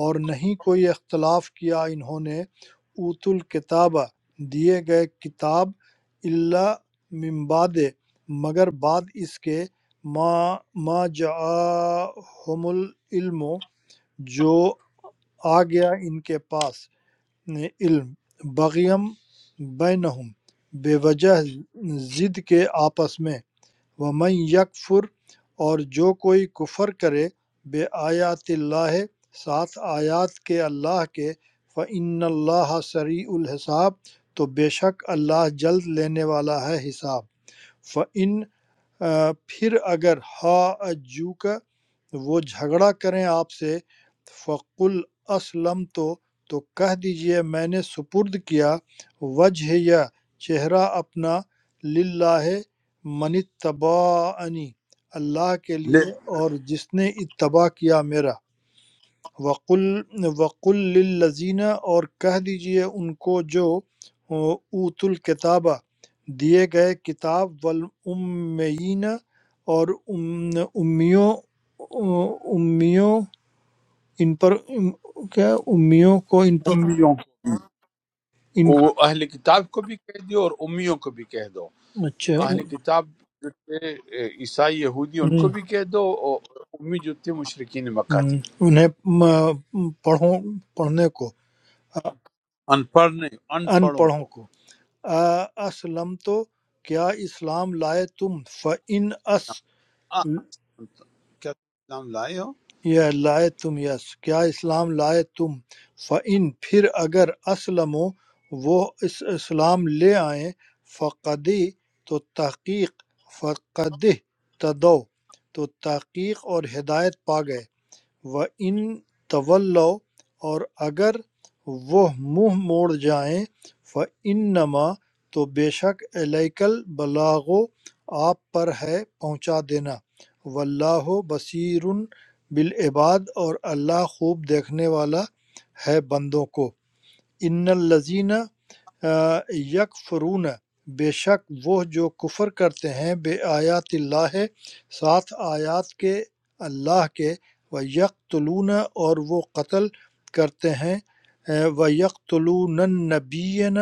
F: اور نہیں کوئی اختلاف کیا انہوں نے اوت الکتاب دیے گئے کتاب اللہ من بعد مگر بعد اس کے ما ما جاءہم العلم جو آ گیا ان کے پاس یعنی علم بغیم بینہم بے وجہ ضد کے آپس میں ومن یکفر اور جو کوئی کفر کرے بے آیات اللہ ساتھ آیات کے اللہ کے فعن اللہ سریع الحساب تو بے شک اللہ جلد لینے والا ہے حساب فعن آ، پھر اگر ہا اجو کا وہ جھگڑا کریں آپ سے فقل اسلم تو تو کہہ دیجئے میں نے سپرد کیا وجہ یا چہرہ اپنا للہ من اتبعنی اللہ کے
B: اللہ لے
F: لیے اور جس نے اتباع کیا میرا وقل وقل للذین اور کہہ دیجئے ان کو جو اوت الکتابہ دیے گئے کتاب والامیین اور ام- امیوں امیوں ان پر ام- کیا امیوں کو ان پر
B: امیوں کو
F: ان
B: بھی وہ اہل کتاب کو بھی کہہ دو اور امیوں کو بھی کہہ دو
F: اچھا
B: اہل کتاب جو تھے اے، عیسائی یہودی ان
F: ہم،
B: کو بھی کہہ دو اور امی جو تھے مشرقین مکہ تھے
F: ہم، انہیں م- پڑھوں پڑھنے کو
B: ان پڑھ نہیں ان
F: ان
B: پڑھوں
F: پڑھوں
B: کو
F: کو اسلم تو کیا اسلام لائے تم فَإِنْ
B: آ، کیا تم اسلام لائے ہو
F: یہ لائے تم یس کیا اسلام لائے تم فَإِن پھر اگر اسلموا وہ اس اسلام لے آئیں فقدی تو تحقیق فقد تدو تو تحقیق اور ہدایت پا گئے ان طَوَلَّوْا اور اگر وہ منہ موڑ جائیں فَإِنَّمَا تو بے شک علیک البلاغ آپ پر ہے پہنچا دینا واللہ بصیر بالعباد اور اللہ خوب دیکھنے والا ہے بندوں کو ان الذین آ، یکفرون بے شک وہ جو کفر کرتے ہیں بے آیات اللہ ساتھ آیات کے اللہ کے و یقتلون اور وہ قتل کرتے ہیں و یقتلون النبیین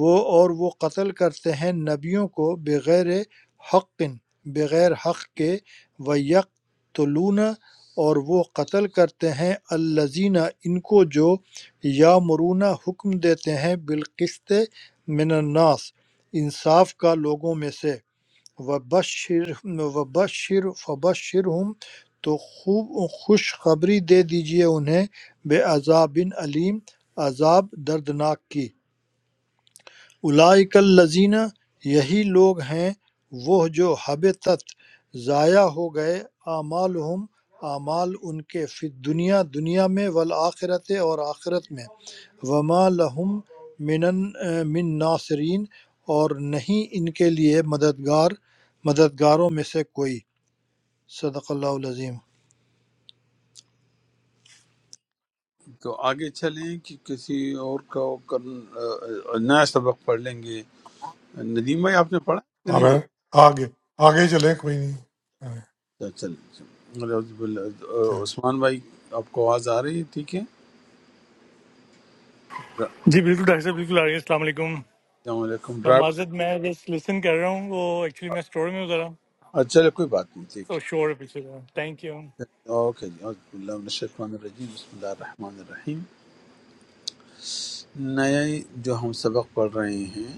F: وہ اور وہ قتل کرتے ہیں نبیوں کو بغیر حق بغیر حق کے و یقتلون اور وہ قتل کرتے ہیں الزینہ ان کو جو یامرونَ حکم دیتے ہیں بالقسط من الناس انصاف کا لوگوں میں سے وبشر وبشر فبشرہم تو خوب خوشخبری دے دیجئے انہیں بے عذاب علیم عذاب دردناک کی اولئک الذین یہی لوگ ہیں وہ جو حبطت ضائع ہو گئے اعمالہم اعمال ان کے فی دنیا دنیا میں والآخرت اور آخرت میں وما لہم من من ناصرین اور نہیں ان کے لیے مددگار مددگاروں میں سے کوئی صدق اللہ العظیم
B: تو آگے چلیں کہ کسی اور کا کرن- آ، نیا سبق پڑھ لیں گے ندیم بھائی آپ نے پڑھا ہے کہ نہیں
E: آمین آگے آگے چلیں کوئی نہیں
B: پڑھا اچھا، چلیں چلیں۔ اعوذ باللہ- آ،
E: چلیں۔
B: عثمان بھائی آپ کو آواز آ رہی ہے ٹھیک ہے
G: जी बिल्कुल डॉक्टर साहब बिल्कुल आ रही है अस्सलाम वालेकुम
B: السلام علیکم
G: मैं
B: ڈرائیو
G: माजद मैं जस्ट लिसन कर रहा हूँ वो एक्चुअली मैं स्टोर में हूँ जरा
B: اچھا چلے کوئی بات نہیں ٹھیک
G: तो
B: ہے
G: शोर है पीछे का थैंक यू
B: اوکے جی اعوذ باللہ من الشیطان الرجیم بسم اللہ الرحمن الرحیم نئے جو ہم سبق پڑھ رہے ہیں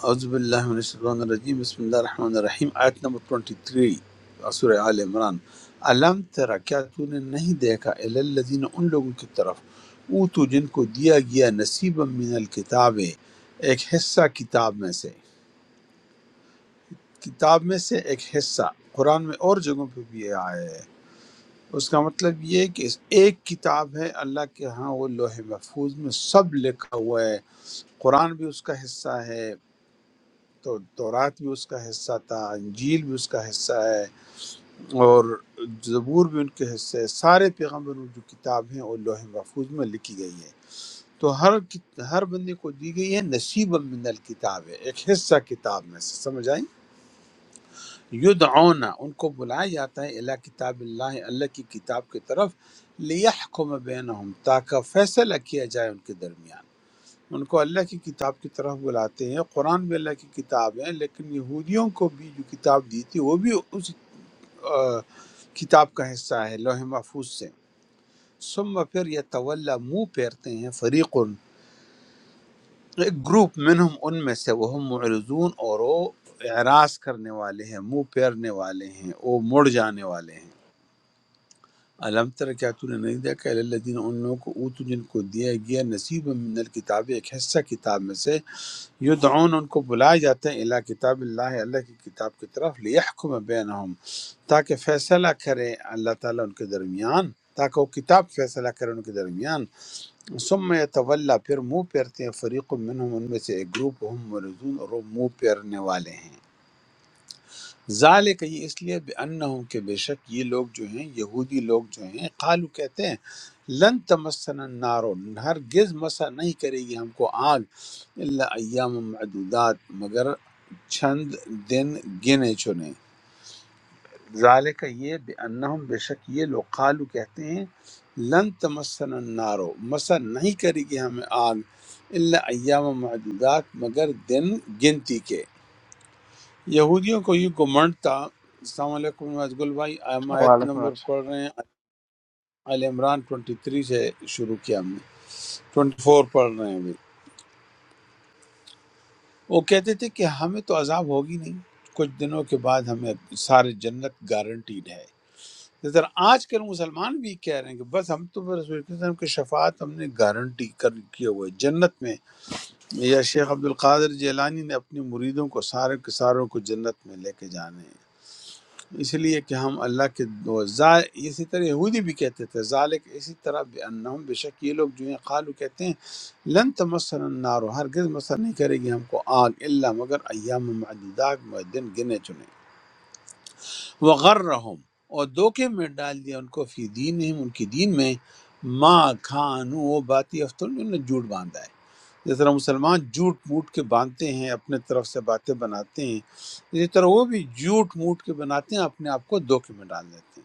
B: اعوذ باللہ من الشیطان الرجیم بسم اللہ الرحمن الرحیم آیت نمبر 23 سورہ آل عمران علم تری کیا تو نے نہیں دیکھا الی الذین ان لوگوں کی طرف اوتو جن کو دیا گیا نصیبا من الکتاب ایک حصہ کتاب میں سے کتاب میں سے ایک حصہ قرآن میں اور جگہوں پہ بھی یہ آیا ہے اس کا مطلب یہ ہے کہ اس ایک کتاب ہے اللہ کے ہاں وہ لوح محفوظ میں سب لکھا ہوا ہے قرآن بھی اس کا حصہ ہے تو تورات بھی اس کا حصہ تھا انجیل بھی اس کا حصہ ہے اور زبور بھی ان کے حصے ہے سارے پیغمبروں جو کتاب ہیں وہ لوح محفوظ میں لکھی گئی ہے تو ہر کت- ہر بندے کو دی گئی ہے نصیب من الکتاب ہے ایک حصہ کتاب میں سے سمجھ آئیں یدعون ان کو بلایا جاتا ہے اللہ کتاب اللہ اللہ کی کتاب کی طرف لیحکم بینہم تاکہ فیصلہ کیا جائے ان کے درمیان ان کو اللہ کی کتاب کی طرف بلاتے ہیں قرآن بھی اللہ کی کتاب ہے لیکن یہودیوں کو بھی جو کتاب دی تھی وہ بھی اس آ، کتاب کا حصہ ہے لوح محفوظ سے ثم پھر یہ طول منہ پھیرتے ہیں فریق ایک گروپ منہم ان میں سے وہ معرضون اور وہ اعراض کرنے والے ہیں منہ پھیرنے والے ہیں وہ مڑ جانے والے ہیں علم تر کیا تو نے نہیں دیکھا الی الذین ان لوگوں کو اوتو جن کو دیا گیا نصیب من الکتاب ایک حصہ کتاب میں سے یدعون ان کو بلایا جاتا ہے الی کتاب اللہ اللہ کی کتاب کی طرف لیحکم بینہم تاکہ فیصلہ کرے اللہ تعالیٰ ان کے درمیان تاکہ وہ کتاب فیصلہ کرے ان کے درمیان ثم یتولا پھر منہ پھیرتے ہیں فریق منہم ان میں سے ایک گروپ ہم مرزون اور وہ منہ پھیرنے والے ہیں ذالک یہ اس لیے بأنہم کہ بے شک یہ لوگ جو ہیں یہودی لوگ جو ہیں قالو کہتے ہیں لن تمسنا النار ہرگز مسا نہیں کرے گی ہم کو آگ الا ایام معدودات مگر چند دن گنے چنے ذالک یہ بأنہم بے شک یہ لوگ قالو کہتے ہیں لن تمسنا النار مسا نہیں کرے گی ہمیں آگ الا ایام معدودات مگر دن گنتی کے یہودیوں کو یہ گمنڈ تھا السلام علیکم نواز گل بھائی ہم آیت
H: وعليكم
B: نمبر
H: السلام
B: پڑھ رہے ہیں آل عمران 23 سے شروع کیا ہم نے 24 پڑھ رہے ہیں ابھی وہ کہتے تھے کہ ہمیں تو عذاب ہوگی نہیں کچھ دنوں کے بعد ہمیں سارے جنت گارنٹیڈ ہے اس طرح آج کل مسلمان بھی کہہ رہے ہیں کہ بس ہم تو بس رسول اللہ صلی اللہ علیہ وسلم کی شفاعت ہم نے گارنٹی کر کیے ہوئے جنت میں یا شیخ عبد القادر جیلانی نے اپنے مریدوں کو سارے کے ساروں کو جنت میں لے کے جانے ہیں اس لیے کہ ہم اللہ کے دو زا- اسی طرح یہودی بھی کہتے تھے ذالک اسی طرح بے انہم بے شک یہ لوگ جو ہیں قالو کہتے ہیں لن تمسن النار ہرگز مسر نہیں کرے گی ہم کو آگ الا مگر ایام معدودات دن گنے چنے وغرہم اور دھوکے میں ڈال دیا ان کو فی دینہم ان کی دین میں ما کھانو وہ باتی افتر انہوں نے جھوٹ باندھا ہے جس طرح مسلمان جھوٹ موٹ کے باندھتے ہیں اپنے طرف سے باتیں بناتے ہیں اسی طرح وہ بھی جھوٹ موٹ کے بناتے ہیں اپنے آپ کو دھوکے میں ڈال دیتے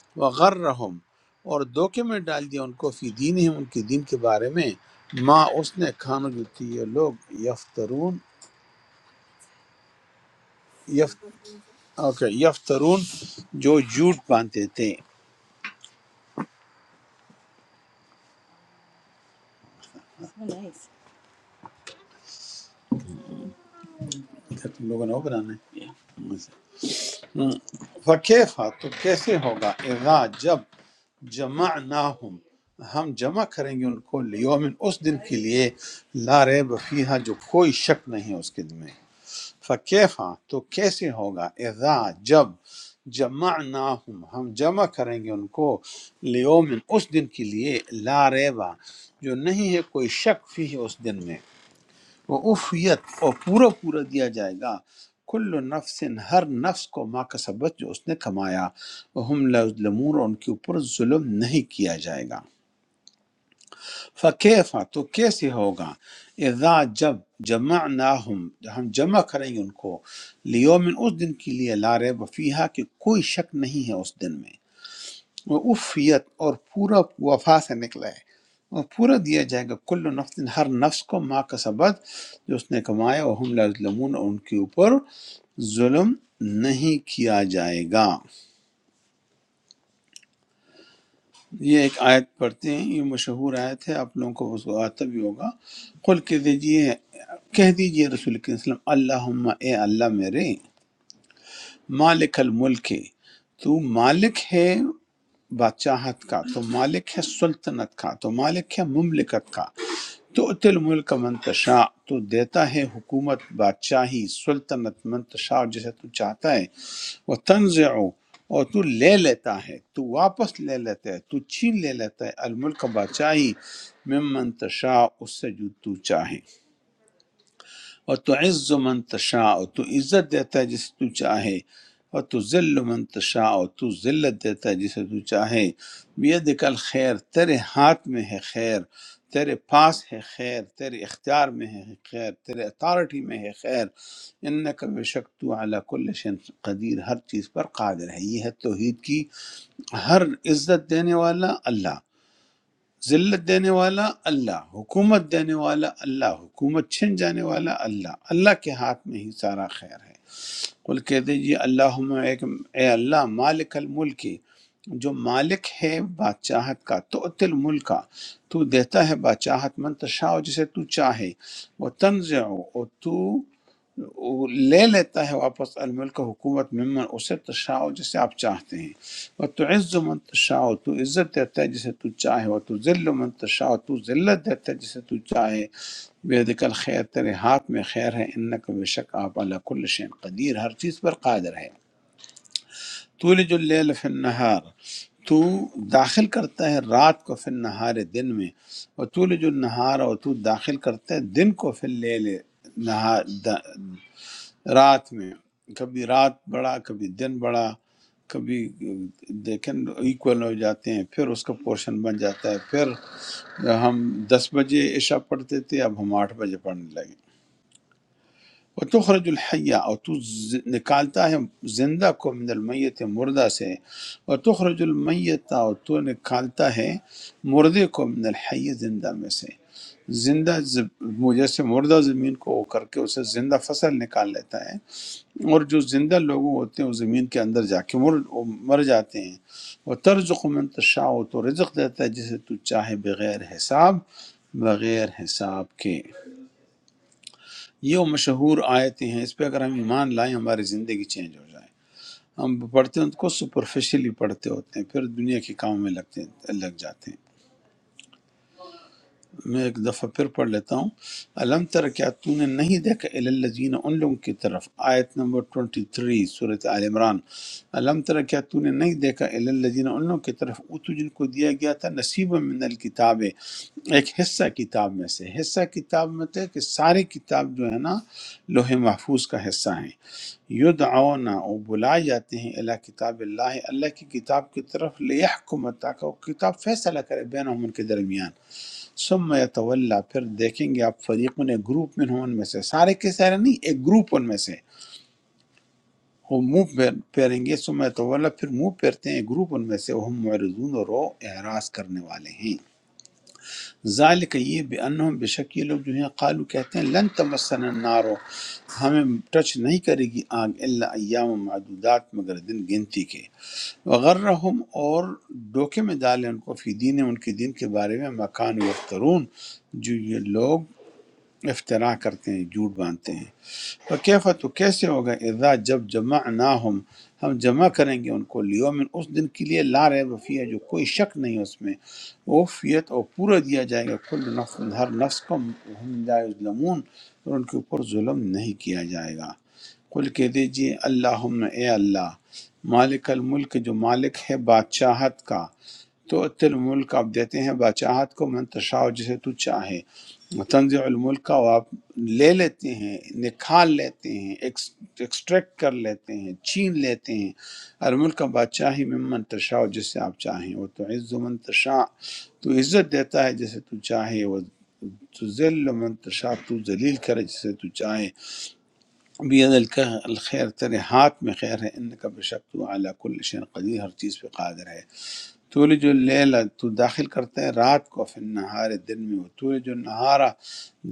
B: ہیں غر رحم اور دھوکے میں ڈال دیا ان کو فی دین ہی ان کے دین کے بارے میں ماں اس نے کھانا جوتی یہ لوگ یفترون یف اوکے یفترون جو جھوٹ باندھتے تھے کیا تم لوگوں نے وہ بنانا ہے فکیفا تو کیسے ہوگا اذا جب جمعناہم ہم جمع کریں گے ان کو لیومن اس دن کے لیے لا ریب فیہا جو کوئی شک نہیں اس کے دن میں فکیفا تو کیسے ہوگا اذا جب جمعناہم ہم جمع کریں گے ان کو لیومن اس دن کے لیے لا ریبا جو نہیں ہے کوئی شک فی اس دن میں وہ افیت اور پورا پورا دیا جائے گا کل نفس ہر نفس کو ماں کا سبت جو اس نے کمایا وہ ہم لمور ان کے اوپر ظلم نہیں کیا جائے گا فقیفہ تو کیسے ہوگا اذا جب جمع ہم جمع کریں گے ان کو لیومن اس دن کے لیے لارے وفیہ کہ کوئی شک نہیں ہے اس دن میں وہ افیت اور پورا وفا سے نکلا ہے وہ پورا دیا جائے گا کل نفس ہر نفس کو ماں کا سبد جو اس نے کمایا وہ ہم لظلمون اور ان کے اوپر ظلم نہیں کیا جائے گا یہ ایک آیت پڑھتے ہیں یہ مشہور آیت ہے آپ لوگوں کو اس کو آتا بھی ہوگا قل کہہ دیجئے کہہ دیجئے رسول کے وسلم اللہم اے اللہ میرے مالک الملک تو مالک ہے بادشاہت کا تو مالک ہے سلطنت کا تو مالک ہے مملکت کا تو تل ملک منتشا تو دیتا ہے حکومت بادشاہی سلطنت منتشا جسے تو چاہتا ہے وہ تنز اور تو لے لیتا ہے تو واپس لے لیتا ہے تو چھین لے لیتا ہے الملک بادشاہی میں منتشا اس سے جو تو چاہے اور تو عز من تشاء تو عزت دیتا ہے جسے تو چاہے اور تو ذل من تشاء تو ذلت دیتا ہے جسے تو چاہے بید کل خیر تیرے ہاتھ میں ہے خیر تیرے پاس ہے خیر تیرے اختیار میں ہے خیر تیرے اتھارٹی میں ہے خیر ان کا بے شک تو اعلیٰ کل شن قدیر ہر چیز پر قادر ہے یہ ہے توحید کی ہر عزت دینے والا اللہ ذلت دینے والا اللہ حکومت دینے والا اللہ حکومت چھن جانے والا اللہ اللہ کے ہاتھ میں ہی سارا خیر ہے قل کہہ دیجیے اللہم ایک اے اللہ مالک الملک جو مالک ہے بادشاہت کا تو اتل ملک کا، تو دیتا ہے بادشاہت من تشاء جسے تو چاہے وہ تنزع اور تو وہ لے لیتا ہے واپس الملک حکومت ممن اسے تشاء جسے آپ چاہتے ہیں وہ تو عز من تشاء تو عزت دیتا ہے جسے تو چاہے وہ تو ذل من تشاء تو ذلت دیتا ہے جسے تو چاہے بید خیر تیرے ہاتھ میں خیر ہے انک بے شک آپ اللہ کل شین قدیر ہر چیز پر قادر ہے تو لج اللیل فی النہار تو داخل کرتا ہے رات کو فی النہار دن میں و تو لج النہار اور تو داخل کرتا ہے دن کو فی اللیل نہار دا- رات میں کبھی رات بڑا کبھی دن بڑا کبھی دیکھیں ایکول ہو جاتے ہیں پھر اس کا پورشن بن جاتا ہے پھر ہم دس بجے عشاء پڑھتے تھے اب ہم آٹھ بجے پڑھنے لگے وتخرج الحیہ اور تو ز- نکالتا ہے زندہ کو من المیت مردہ سے وتخرج المیت اور تو نکالتا ہے مردے کو من الحی زندہ میں سے زندہ زب- جیسے مردہ زمین کو وہ کر کے اسے زندہ فصل نکال لیتا ہے اور جو زندہ لوگوں ہوتے ہیں وہ زمین کے اندر جا کے مر وہ مر جاتے ہیں وہ طرز من تشاء تو رزق دیتا ہے جسے تو چاہے بغیر حساب بغیر حساب کے یہ وہ مشہور آیتیں ہیں اس پہ اگر ہم ایمان لائیں ہماری زندگی چینج ہو جائے ہم پڑھتے ہیں کو سپرفیشلی پڑھتے ہوتے ہیں پھر دنیا کے کاموں میں لگتے لگ جاتے ہیں میں ایک دفعہ پھر پڑھ لیتا ہوں علم تر کیا تو نے نہیں دیکھا الی الذین ان لوگوں کی طرف آیت نمبر 23 سورۃ آل عمران علم تر کیا تو نے نہیں دیکھا الی الذین ان لوگوں کی طرف اوتو جن کو دیا گیا تھا نصیب من الکتاب ایک حصہ کتاب میں سے حصہ کتاب میں تھے کہ ساری کتاب جو ہے نا لوح محفوظ کا حصہ ہیں یدعونا وہ بلائے جاتے ہیں اللہ کتاب اللہ اللہ کی کتاب کی طرف لیحکم تاکہ وہ کتاب فیصلہ کرے بینہم ان کے درمیان ثم یتولا پھر دیکھیں گے آپ فریقوں نے گروپ میں ان میں سے سارے کے سارے نہیں ایک گروپ ان میں سے وہ منہ پھیر- پھیریں گے ثم یتولا پھر منہ پھیرتے ہیں ایک گروپ ان میں سے وہ معرضون اور وہ اعراض کرنے والے ہیں ذالک یہ بے انہم بے شک یہ لوگ جو ہیں قالو کہتے ہیں لن تمسن النارو ہمیں ٹچ نہیں کرے گی آگ الا ایام معدودات مگر دن گنتی کے وغرہم اور ڈوکے میں ڈالیں ان کو فی دین ان کے دین کے بارے میں مکان یفترون جو یہ لوگ افترا کرتے ہیں جھوٹ باندھتے ہیں تو کیف تو کیسے ہوگا اذا جب جمع ہم جمع کریں گے ان کو لیومن اس دن کے لیے لا رہے وفیہ جو کوئی شک نہیں اس میں وفیت اور پورا دیا جائے گا کل نفس ہر نفس کو ہم جائز لمون اور ان کے اوپر ظلم نہیں کیا جائے گا قل کہہ دیجئے اللہم اے اللہ مالک الملک جو مالک ہے بادشاہت کا تو اتل الملک آپ دیتے ہیں بادشاہت کو من تشاء جسے تو چاہے تنزع الملک و آپ لے لیتے ہیں نکھال لیتے ہیں ایکس- ایکسٹریکٹ کر لیتے ہیں چھین لیتے ہیں الملک بادشاہی میں من تشاء جسے آپ چاہیں وہ تو عز من تشاء تو عزت دیتا ہے جسے تو چاہے وہ تو ذل من تشاء تو ذلیل کرے جسے تو چاہے بید الخیر تیرے ہاتھ میں خیر ہے ان کا بے شک تو اعلیٰ کل شین قدیر ہر چیز پہ قادر ہے تولج اللیل تو داخل کرتے ہیں رات کو فی النہار دن میں وہ تولج النہارا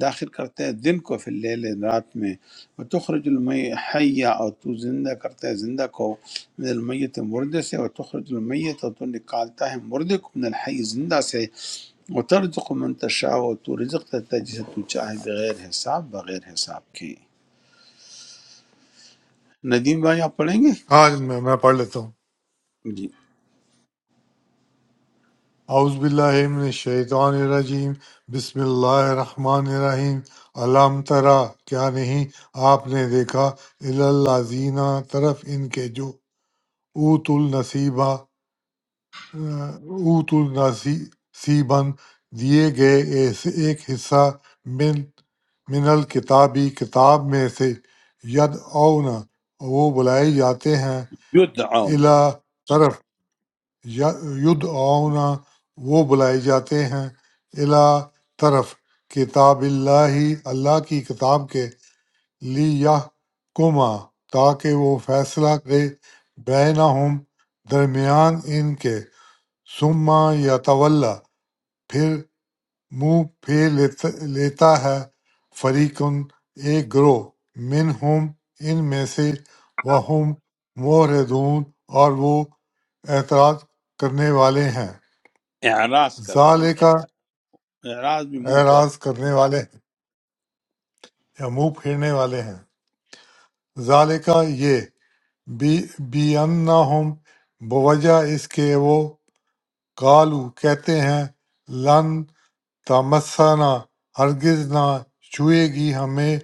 B: داخل کرتے ہیں دن کو فی اللیل رات میں وہ تخرج المی حیا اور تو زندہ کرتے ہیں زندہ کو من المیت مردے سے وہ تخرج المیت اور تو نکالتا ہے مردے کو من الحی زندہ سے وہ ترزق من تشاء اور تو رزق دیتا ہے جسے تو چاہے بغیر حساب بغیر حساب کے ندیم بھائی آپ پڑھیں گے
E: آج میں میں پڑھ لیتا ہوں
B: جی
E: اعوذ باللہ من الشیطان الرجیم بسم اللہ الرحمن الرحیم علم ترا کیا نہیں آپ نے دیکھا الازینہ طرف ان کے جو اوت النصیبہ اوت النصیباً دیے گئے ایسے ایک حصہ من من الکتابی کتاب میں سے ید اونا وہ بلائے جاتے ہیں
B: یدعون
E: الا طرف ید اونا وہ بلائے جاتے ہیں الا طرف کتاب اللہ اللہ کی کتاب کے لی یہ کما تاکہ وہ فیصلہ کرے بینہم درمیان ان کے ثم یتولی پھر منہ پھیر لیتا ہے فریقن ایک گروہ منہم ان میں سے وہم معرضون اور وہ اعتراض کرنے والے ہیں
B: اعراض کرنے والے
E: ذالکہ
B: اعراض بھی منہ پہ
E: اعراض کرنے والے ہیں یا منہ پھیرنے والے ہیں ذالکہ یہ بی بی بوجہ اس کے وہ قالو کہتے ہیں لن تمسنا ہرگز نہ چھوئے گی ہمیں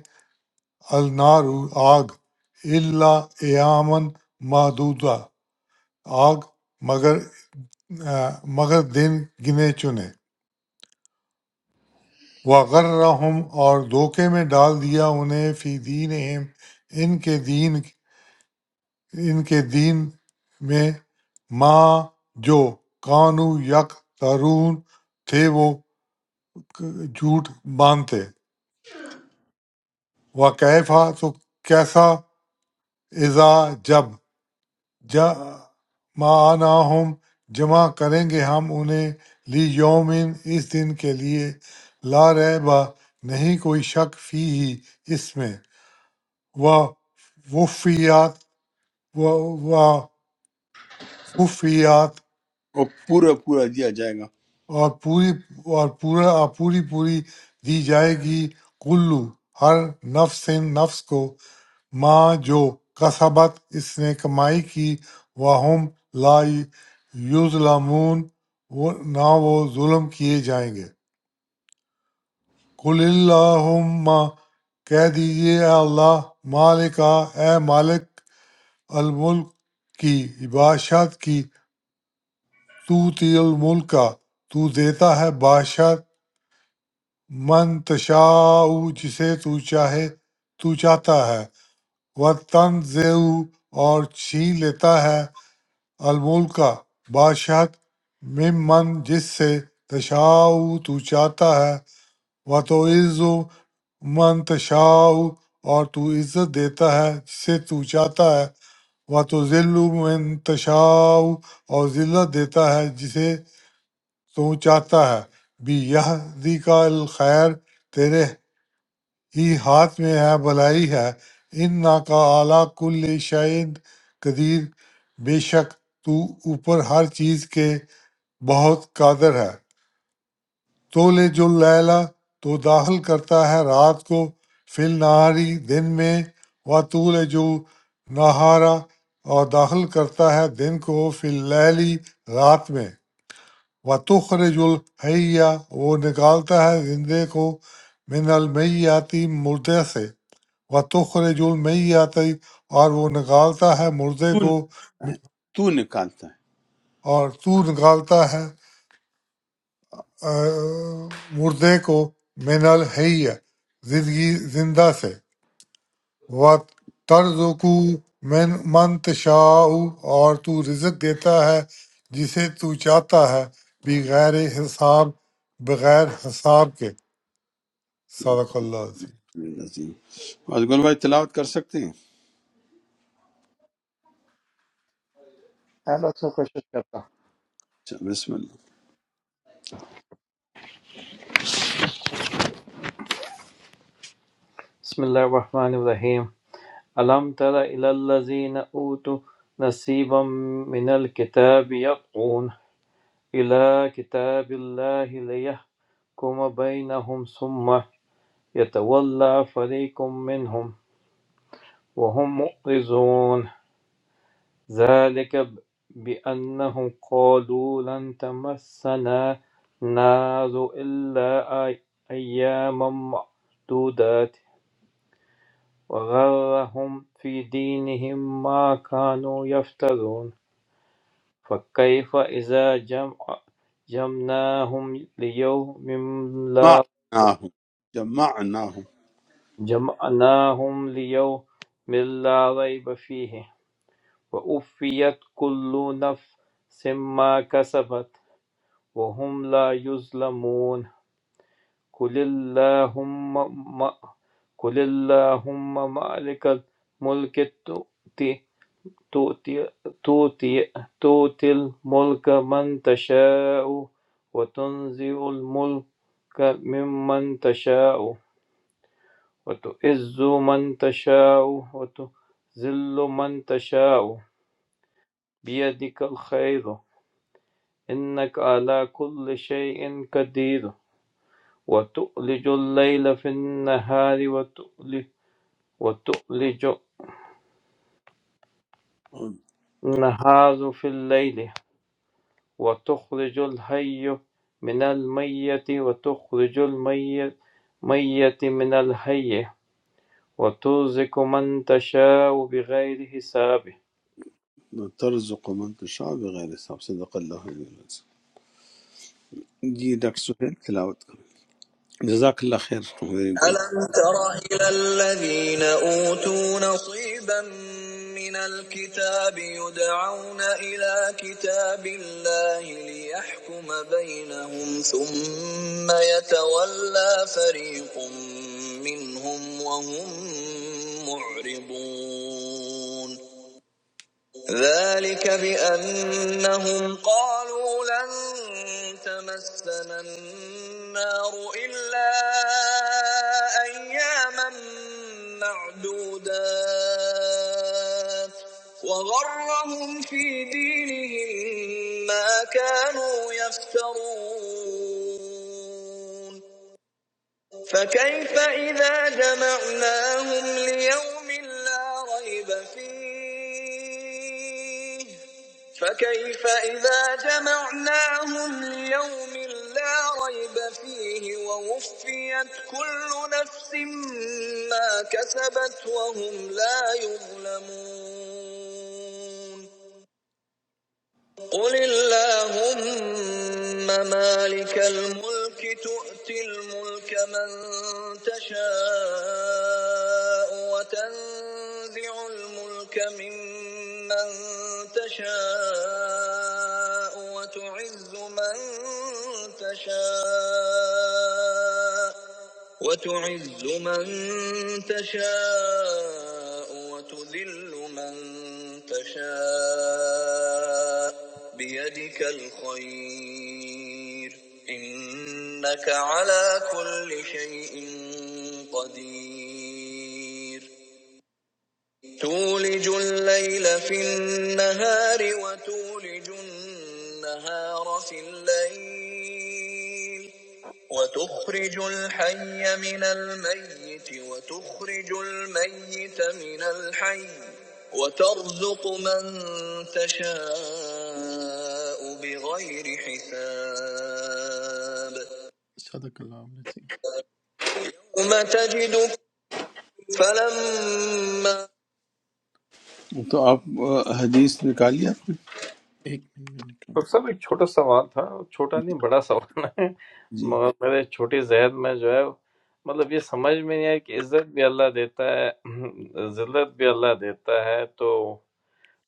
E: النار آگ الا ایامن محدودہ آگ مگر آ، مگر دن گنے چنے وغرہم اور دھوکے میں ڈال دیا انہیں فی دین ان کے دین ان کے دین میں ماں جو کانو یک ترون تھے وہ جھوٹ باندھتے وکیفا تو کیسا اذا جب جمعنا ہم جمع کریں گے ہم انہیں لی یومن اس دن کے لیے لا ریبا نہیں کوئی شک فی ہی اس میں و وفیات و و خفیات
B: وہ پورا پورا دیا جائے گا
E: اور پوری اور پورا اور پوری پوری دی جائے گی کلو ہر نفس نفس کو مَا جو کسبت اس نے کمائی کی وَہُمْ لا یظلمون وہ- نہ وہ ظلم کیے جائیں گے قل اللہم کہہ دیجئے اے اللہ مالکا اے مالک الملک کی بادشاہت کی تو تی الملک کا تو دیتا ہے بادشاہ من تشاء جسے تو چاہے تو چاہتا ہے وہ تنزع اور چھین لیتا ہے الملکہ بادشاہت ممن جس سے تشاء تو چاہتا ہے و تو عز من تشاء اور تو عزت دیتا ہے جسے تو چاہتا ہے و تو ذل من تشاء اور ذلت دیتا ہے جسے تو چاہتا ہے بھی یہ کا الخیر تیرے ہی ہاتھ میں ہے بلائی ہے ان نا کا اعلیٰ کل شعین قدیر بے شک تو اوپر ہر چیز کے بہت قادر ہے تو لے جو لیلا تو داخل کرتا ہے رات کو فل نہاری دن میں و تو لے جو نہارا اور داخل کرتا ہے دن کو فل لیلی رات میں و تخرج الحیہ وہ نکالتا ہے زندے کو من المیاتی مردے سے و تخرج المیت اور وہ نکالتا ہے مردے کو
B: تو نکالتا ہے
E: اور تو نکالتا ہے آ، مردے کو من الحی زندگی زندہ سے و ترزقو من من تشاء اور تو رزق دیتا ہے جسے تو چاہتا ہے بغیر حساب بغیر حساب کے صدق اللہ عظیم
B: میرے عظیم اور گل بھائی تلاوت کر سکتے ہیں
H: أهلا وسهلا في الشركة.
B: اچھا، بسم اللہ
H: بسم الله الرحمن الرحيم ألم تر إلى الذين أوتوا نصيبا من الكتاب يدعون إلى كتاب الله ليحكم بينهم ثم يتولى فريق منهم وهم مؤرزون ذلك ب- بأنهم قالوا لن تمسنا نار إلا أي- أياما معدودات وغرهم في دينهم ما كانوا يفترون فكيف إذا جمع جمعناهم ليوم لا
B: جمعناہم جمعناہم
H: جمعناهم ليوم لا ريب فيه وأوفيت كل نفس ما كسبت وهم لا يظلمون قل اللهم ما قل اللهم مالك الملك تؤتي تؤتي, تؤتي, تؤتي الملك من تشاء وتنزع الملك ممن تشاء وتعز من تشاء وتذل من تشاء بيدك الخير إنك على كل شيء قدير وتؤلج الليل في النهار وتؤلج, وتؤلج النهار في الليل وتخرج الحي من الميت وتخرج الميت من الحي وترزق من تشاء بغير حساب
B: ترزق من تشاء بغیر حساب صدق اللہ علیہ وسلم جی ڈاکٹر سہیل تلاوت کریں جزاک اللہ خیر ویری گڈ
D: ألم تر إلى الذين أوتوا نصيبا من الكتاب يدعون إلى كتاب الله ليحكم بينهم ثم يتولى فريق منهم وهم معرضون ذلك بأنهم قالوا لن تمسنا النار إلا أياما معدودات وغرهم في دينهم ما كانوا يفترون فكيف إذا جمعناهم ليوم لا ريب فيه فكيف إذا جمعناهم ليوم لا ريب فيه ووفيت كل نفس ما كسبت وهم لا يظلمون قل اللهم مالك الملك تؤتي الملك من تشاء وتنزع الملك ممن تشاء وتعز من تشاء وتعز من تشاء وتذل من تشاء بيدك الخير إنك على كل شيء قدير تولج الليل في النهار وتولج النهار في الليل وتخرج الحي من الميت وتخرج الميت من الحي وترزق من تشاء بغير حساب صدق الله العظيم يوم تجد فلما
B: تو آپ آ، حدیث نکالی آپ نے
D: एक मिनट
H: डॉक्टर साहब एक छोटा सवाल था छोटा नहीं बड़ा सवाल है
B: جی
H: मगर मेरे छोटी जहन में जो है मतलब ये समझ में नहीं आया कि इज्जत भी अल्लाह देता है जिल्लत भी अल्लाह देता है तो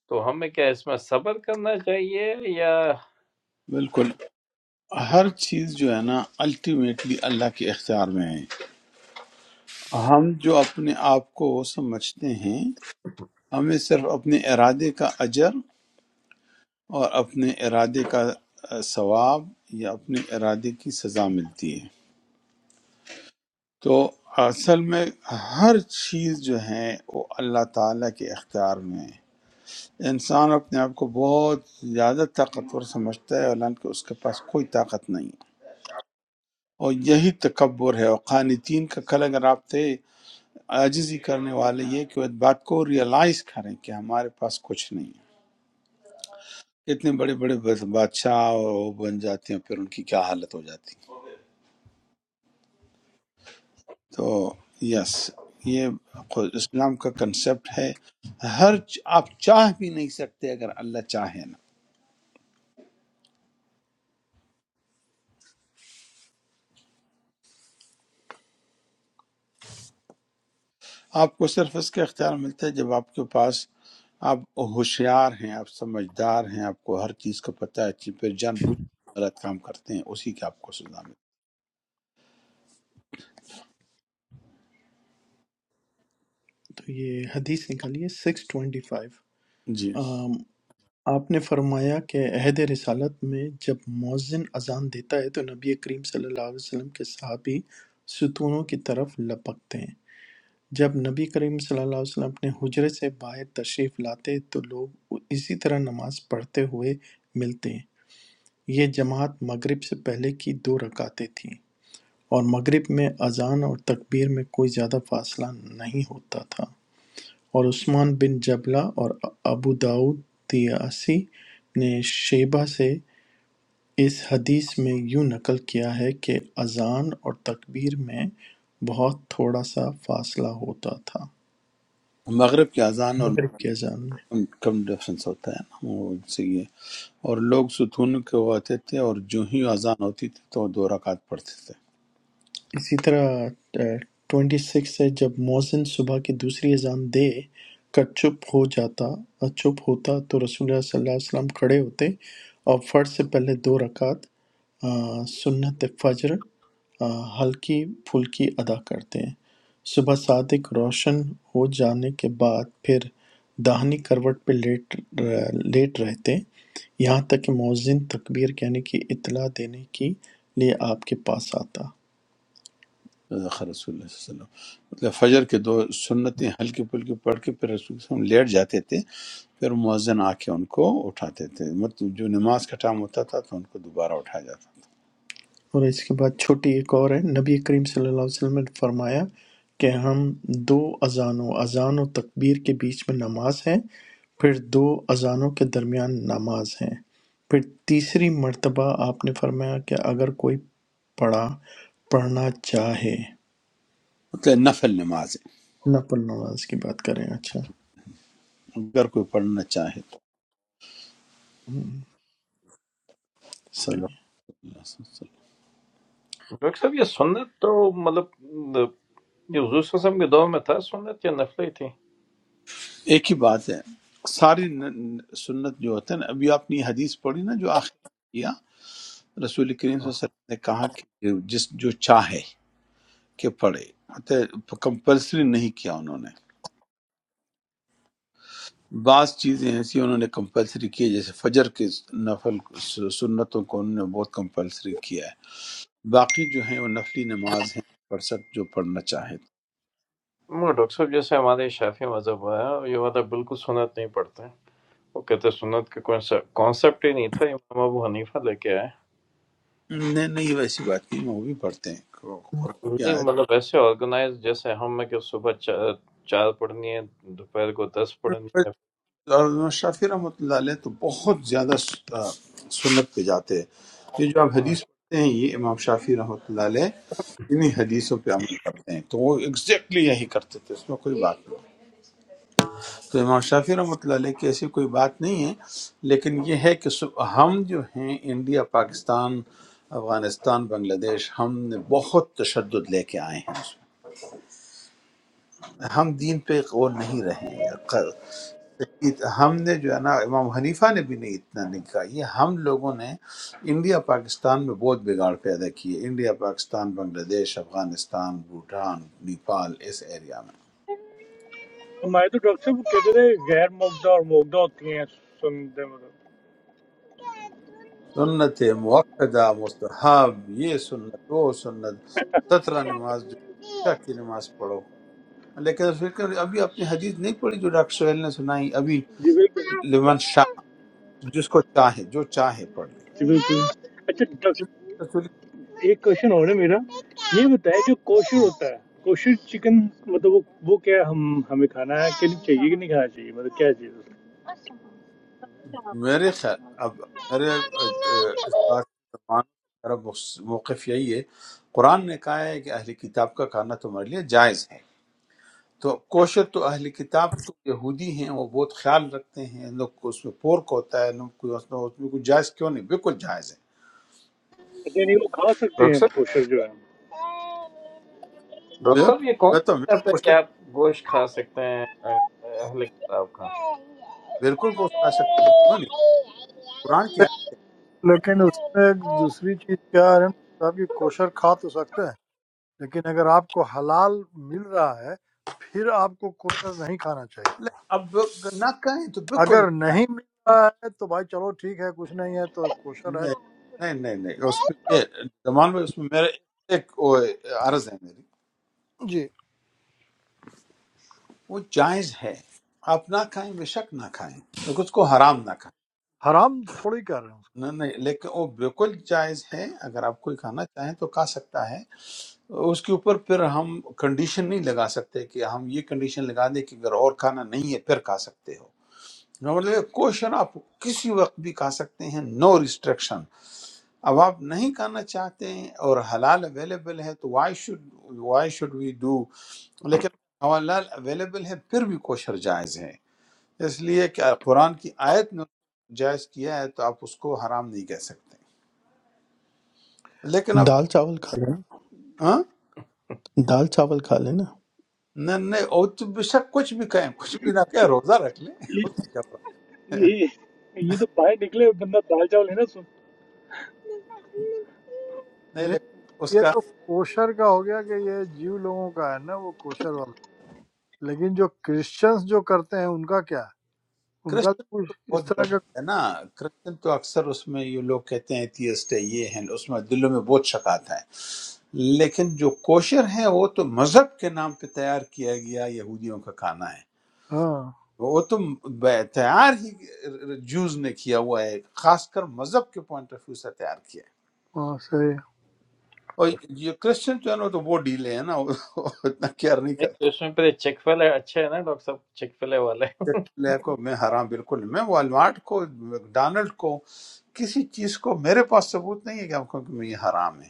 H: तो हमें क्या इसमें सब्र करना चाहिए या
B: بالکل ہر چیز جو ہے نا الٹیمیٹلی اللہ کے اختیار میں ہے ہم جو اپنے آپ کو سمجھتے ہیں ہمیں صرف اپنے ارادے کا اجر اور اپنے ارادے کا ثواب یا اپنے ارادے کی سزا ملتی ہے تو اصل میں ہر چیز جو ہے وہ اللہ تعالیٰ کے اختیار میں ہے انسان اپنے آپ کو بہت زیادہ طاقتور سمجھتا ہے حالانکہ اس کے پاس کوئی طاقت نہیں اور یہی تکبر ہے اور قانتین کا کل اگر آپ تھے عاجزی کرنے والے یہ کہ وہ بات کو ریئلائز کریں کہ ہمارے پاس کچھ نہیں اتنے بڑے بڑے بس- بادشاہ اور وہ بن جاتے ہیں پھر ان کی کیا حالت ہو جاتی ہے۔ تو یس یہ خود اسلام کا کنسپٹ ہے ہر چ- آپ چاہ بھی نہیں سکتے اگر اللہ چاہے نا آپ کو صرف اس کا اختیار ملتا ہے جب آپ کے پاس آپ ہوشیار ہیں آپ سمجھدار ہیں آپ کو ہر چیز کا پتہ ہے کہ پھر جان بوجھ کے غلط کام کرتے ہیں اسی کے آپ کو سزا ملتی
D: تو یہ حدیث نکالیے سکس ٹوینٹی فائیو
B: ہے۔ جی
D: آپ نے فرمایا کہ عہد رسالت میں جب مؤذن اذان دیتا ہے تو نبی کریم صلی اللہ علیہ وسلم کے صحابی ستونوں کی طرف لپکتے ہیں جب نبی کریم صلی اللہ علیہ وسلم اپنے حجرے سے باہر تشریف لاتے تو لوگ اسی طرح نماز پڑھتے ہوئے ملتے ہیں یہ جماعت مغرب سے پہلے کی دو رکعتیں تھیں اور مغرب میں اذان اور تکبیر میں کوئی زیادہ فاصلہ نہیں ہوتا تھا اور عثمان بن جبلہ اور ابو داود طیاسی نے شیبہ سے اس حدیث میں یوں نقل کیا ہے کہ اذان اور تکبیر میں بہت تھوڑا سا فاصلہ ہوتا تھا
B: مغرب کی اذان اور
D: کی اذان میں
B: کم ڈفرینس ہوتا ہے نا وہ ان سے یہ اور لوگ ستون کے وہ آتے تھے اور جو ہی اذان ہوتی تھی تو وہ دو رکعت پڑھتے تھے
D: اسی طرح ٹوئنٹی سکس ہے جب مؤذن صبح کی دوسری اذان دے کر چپ ہو جاتا اور چپ ہوتا تو رسول اللہ صلی اللہ علیہ وسلم کھڑے ہوتے اور فرض سے پہلے دو رکعت آ، سنت فجر آ، ہلکی پھلکی ادا کرتے ہیں صبح صادق روشن ہو جانے کے بعد پھر داہنی کروٹ پہ لیٹ لیٹ رہتے یہاں تک کہ مؤذن تکبیر کہنے کی اطلاع دینے کی لیے آپ کے پاس آتا
B: صدق رسول اللہ صلی اللہ علیہ وسلم مطلب فجر کے دو سنتیں ہلکی پھلکی پڑھ کے پھر رسول ہم لیٹ جاتے تھے پھر مؤذن آ کے ان کو اٹھاتے تھے مطلب جو نماز کا ٹائم ہوتا تھا تو ان کو دوبارہ اٹھایا جاتا تھا
D: اور اس کے بعد چھوٹی ایک اور ہے نبی کریم صلی اللہ علیہ وسلم نے فرمایا کہ ہم دو اذانوں اذان و تکبیر کے بیچ میں نماز ہے پھر دو اذانوں کے درمیان نماز ہے پھر تیسری مرتبہ آپ نے فرمایا کہ اگر کوئی پڑھا پڑھنا چاہے
B: مطلب نفل نماز ہے
D: نفل نماز کی بات کریں اچھا
B: اگر کوئی پڑھنا چاہے تو
D: ہم،
B: صدق
D: صحیح
B: اللہ صلی اللہ علیہ وسلم
H: डॉक्टर साहब ये सुन्नत तो मतलब ये हजूर वसम के दौर में था सुन्नत या नफली थी
B: ایک ہی بات ہے ساری ن- ن- سنت جو ہوتا ہے نا ابھی آپ نے یہ حدیث پڑھی نا جو آخر میں کیا رسول کریم صلی اللہ علیہ وسلم نے کہا کہ جس جو چاہے کہ پڑھے کمپلسری نہیں کیا انہوں نے بعض چیزیں ایسی انہوں نے کمپلسری کی ہے، جیسے فجر کے نفل سنتوں کو انہوں نے بہت کمپلسری کیا ہے باقی جو ہیں وہ نفلی نماز ہیں پڑھ سک جو پڑھنا چاہے
H: मगर डॉक्टर साहब जैसे हमारे शाफी मजहब है ये वाला बिल्कुल सुन्नत नहीं पढ़ते हैं। वो कहते हैं सुन्नत का कॉन्सेप्ट ही नहीं था इमाम अबू हनीफा लेके आए
B: نہیں نہیں ویسی بات نہیں وہ بھی پڑھتے ہیں قرآن کی
H: नहीं मतलब ऐसे ऑर्गेनाइज जैसे हम में कि सुबह चा, चार पढ़नी है दोपहर को दस पढ़नी
B: آیت
H: है
B: اور امام شافی رحمۃ اللہ علیہ تو بہت زیادہ آ، سنت پہ جاتے ہیں یہ جو آپ
H: हाँ।
B: حدیث پڑھتے ہیں یہ امام شافی رحمۃ اللہ علیہ انہی حدیثوں پہ عمل کرتے ہیں تو وہ ایگزیکٹلی یہی کرتے تھے اس میں کوئی بات نہیں تو امام شافی رحمۃ اللہ علیہ کی ایسی کوئی بات نہیں ہے لیکن یہ ہے کہ سب- ہم جو ہیں انڈیا پاکستان افغانستان بنگلہ دیش ہم نے بہت تشدد لے کے آئے ہیں اس میں ہم دین پہ وہ نہیں رہے ہیں ہم نے جو ہے نا امام حنیفہ نے بھی نہیں اتنا نہیں کہا یہ ہم لوگوں نے انڈیا پاکستان میں بہت بگاڑ پیدا کی ہے انڈیا پاکستان بنگلہ دیش افغانستان بھوٹان نیپال اس ایریا میں
G: हमारे तो डॉक्टर साहब कहते थे गैर मुग्धा और मुग्धा होती हैं सुनते मतलब
B: سنت موقع مستحب یہ سنت وہ سنت سترہ نماز جو عشاء کی نماز پڑھو لیکن اس وقت ابھی اپنی حدیث نہیں پڑھی جو ڈاکٹر سہیل نے سنائی ابھی
G: जी बिल्कुल
B: لمن شاہ جس کو چاہے جو چاہے پڑھ لے
G: जी बिल्कुल अच्छा डॉक्टर एक क्वेश्चन और है मेरा ये बताए जो कोशर होता है कोशर चिकन मतलब वो वो क्या हम हमें खाना है कि नहीं चाहिए कि नहीं खाना चाहिए मतलब क्या चीज़ है?
B: میرے خیال اب میرے اہ، اہ، اس بات کی زبان میرا موقف یہی ہے قرآن نے کہا ہے کہ اہل کتاب کا کھانا تمہارے لیے جائز ہے تو کوشر تو اہل کتاب تو یہودی ہیں وہ بہت خیال رکھتے ہیں ان لوگ کو اس میں پورک ہوتا ہے ان لوگ کو اس میں اس میں کوئی جائز کیوں نہیں بالکل جائز ہے
G: अच्छा नहीं वो खा सकते हैं
H: डॉक्टर
G: हम
H: साहब
G: कोशर जो है
H: डॉक्टर
B: میں
H: साहब ये कौन
B: میں
H: सा
B: تو ہمیشہ
H: कहता है कि
B: کوشر
H: आप गोश्त खा सकते हैं अह- अहले किताब का
B: بالکل کو کھا سکتے ہیں کیوں نہیں قرآن کیا
F: لیکن اس میں ایک دوسری چیز کیا ہے صاحب یہ کوشر کھا تو سکتا ہے لیکن اگر آپ کو حلال مل رہا ہے پھر آپ کو کوشر نہیں کھانا چاہیے
B: ہے لیکن اب اگر نہ کہیں تو بالکل نہ
F: اگر
B: کھائیں
F: نہیں مل رہا ہے تو بھائی چلو ٹھیک ہے کچھ نہیں ہے تو کوشر ہے
B: نہیں نہیں نہیں نہیں اس پہ یہ زمان میں اس میں میرا ایک وہ عرض ہے میری
F: جی
B: وہ جائز ہے آپ نہ کھائیں بے شک نہ کھائیں لیکن اس کو حرام نہ کھائیں
F: حرام تھوڑی کر رہے ہیں اس
B: نہ نہیں لیکن وہ بالکل جائز ہے اگر آپ کوئی کھانا چاہیں تو کھا سکتا ہے اس کے اوپر پھر ہم کنڈیشن نہیں لگا سکتے کہ ہم یہ کنڈیشن لگا دیں کہ اگر اور کھانا نہیں ہے پھر کھا سکتے ہو مطلب کوشن آپ کسی وقت بھی کھا سکتے ہیں نو ریسٹرکشن اب آپ نہیں کھانا چاہتے ہیں اور حلال اویلیبل ہے تو why should why should we do لیکن حلال اویلیبل ہے پھر بھی کوشر جائز ہے اس لیے کہ قرآن کی آیت نے جائز کیا ہے تو آپ اس کو حرام نہیں کہہ سکتے لیکن
D: ہے۔
B: اب
D: دال چاول کھا لینا
B: ہاں
D: دال چاول کھا لینا
B: نہ نہیں وہ تو بے شک کچھ بھی کہیں کچھ بھی نہ کہیں روزہ رکھ لیں اس
G: ये
B: میں کیا پرابلم ہے؟
G: ये ये तो बाहर निकले बंदा दाल चावल है ना
F: کو۔
B: نہیں
F: نہیں
B: لیکن اس
F: یہ
B: کا
F: تو کوشر کا ہو گیا کہ یہ جیو لوگوں کا ہے نا وہ کوشر والا لیکن جو کرسچنز جو کرتے ہیں ان کا کیا ہے ان کا
B: کرسچن
F: تو
B: تو
F: کچھ اس
B: بہت
F: طرح
B: گڑبڑ
F: کا
B: ہے نا کرسچن تو اکثر اس میں یہ لوگ کہتے ہیں ایتھیسٹ ہے یہ ہیں اس میں دلوں میں بہت شک آتا ہے لیکن جو کوشر ہے وہ تو مذہب کے نام پہ تیار کیا گیا یہودیوں کا کھانا ہے
F: ہاں
B: وہ تو بے- تیار ہی جوز نے کیا ہوا ہے خاص کر مذہب کے پوائنٹ آف ویو سے تیار کیا ہے
F: ہاں صحیح
B: اور یہ کرسچن جو ہے نا وہ تو وہ ڈیلے ہیں نا وہ اتنا کیئر نہیں
H: नहीं
B: کرتے
H: तो इसमें पहले चिकफिले अच्छे है ना डॉक्टर साहब चिकफिले वाले
B: لے کو میں حرام بالکل نہیں۔ میں والمارٹ کو میکڈونلڈ کو کسی چیز کو میرے پاس ثبوت نہیں ہے کہ ہم کو کہ میں یہ حرام ہے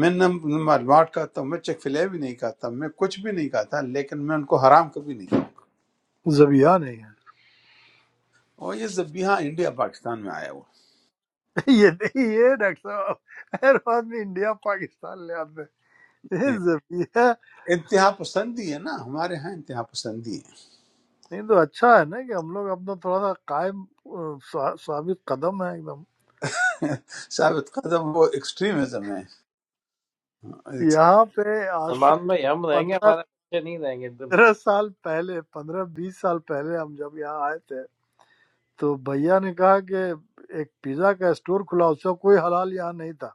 B: میں نہ نہ والمارٹ کھاتا ہوں میں چیک فلے بھی نہیں کھاتا میں کچھ بھی نہیں کھاتا لیکن میں ان کو حرام کبھی نہیں کھاؤں گا
F: زبیہ نہیں ہے
B: اور یہ زبیحہ انڈیا پاکستان میں آیا ہوا ہے۔
F: یہ نہیں یہ ڈاکٹر صاحب ہر آدمی انڈیا پاکستان لے آتے ہیں یہ زبیہ
B: انتہا پسندی ہے نا ہمارے ہاں انتہا پسندی ہے
F: نہیں تو اچھا ہے نا کہ ہم لوگ اپنا تھوڑا سا قائم آ، ثا- ثابت قدم ہے ایک دم
B: ثابت قدم وہ ایکسٹریمزم ہے
F: یہاں پہ آج سے
H: अल्मान्द में हम रहेंगे,
F: پندرہ
H: हमारे बच्चे नहीं रहेंगे तो
F: پندرہ سال پہلے پندرہ بیس سال پہلے ہم جب یہاں آئے تھے تو بھیا نے کہا کہ ایک پیزا کا اسٹور کھلا اس کا کوئی حلال یہاں نہیں تھا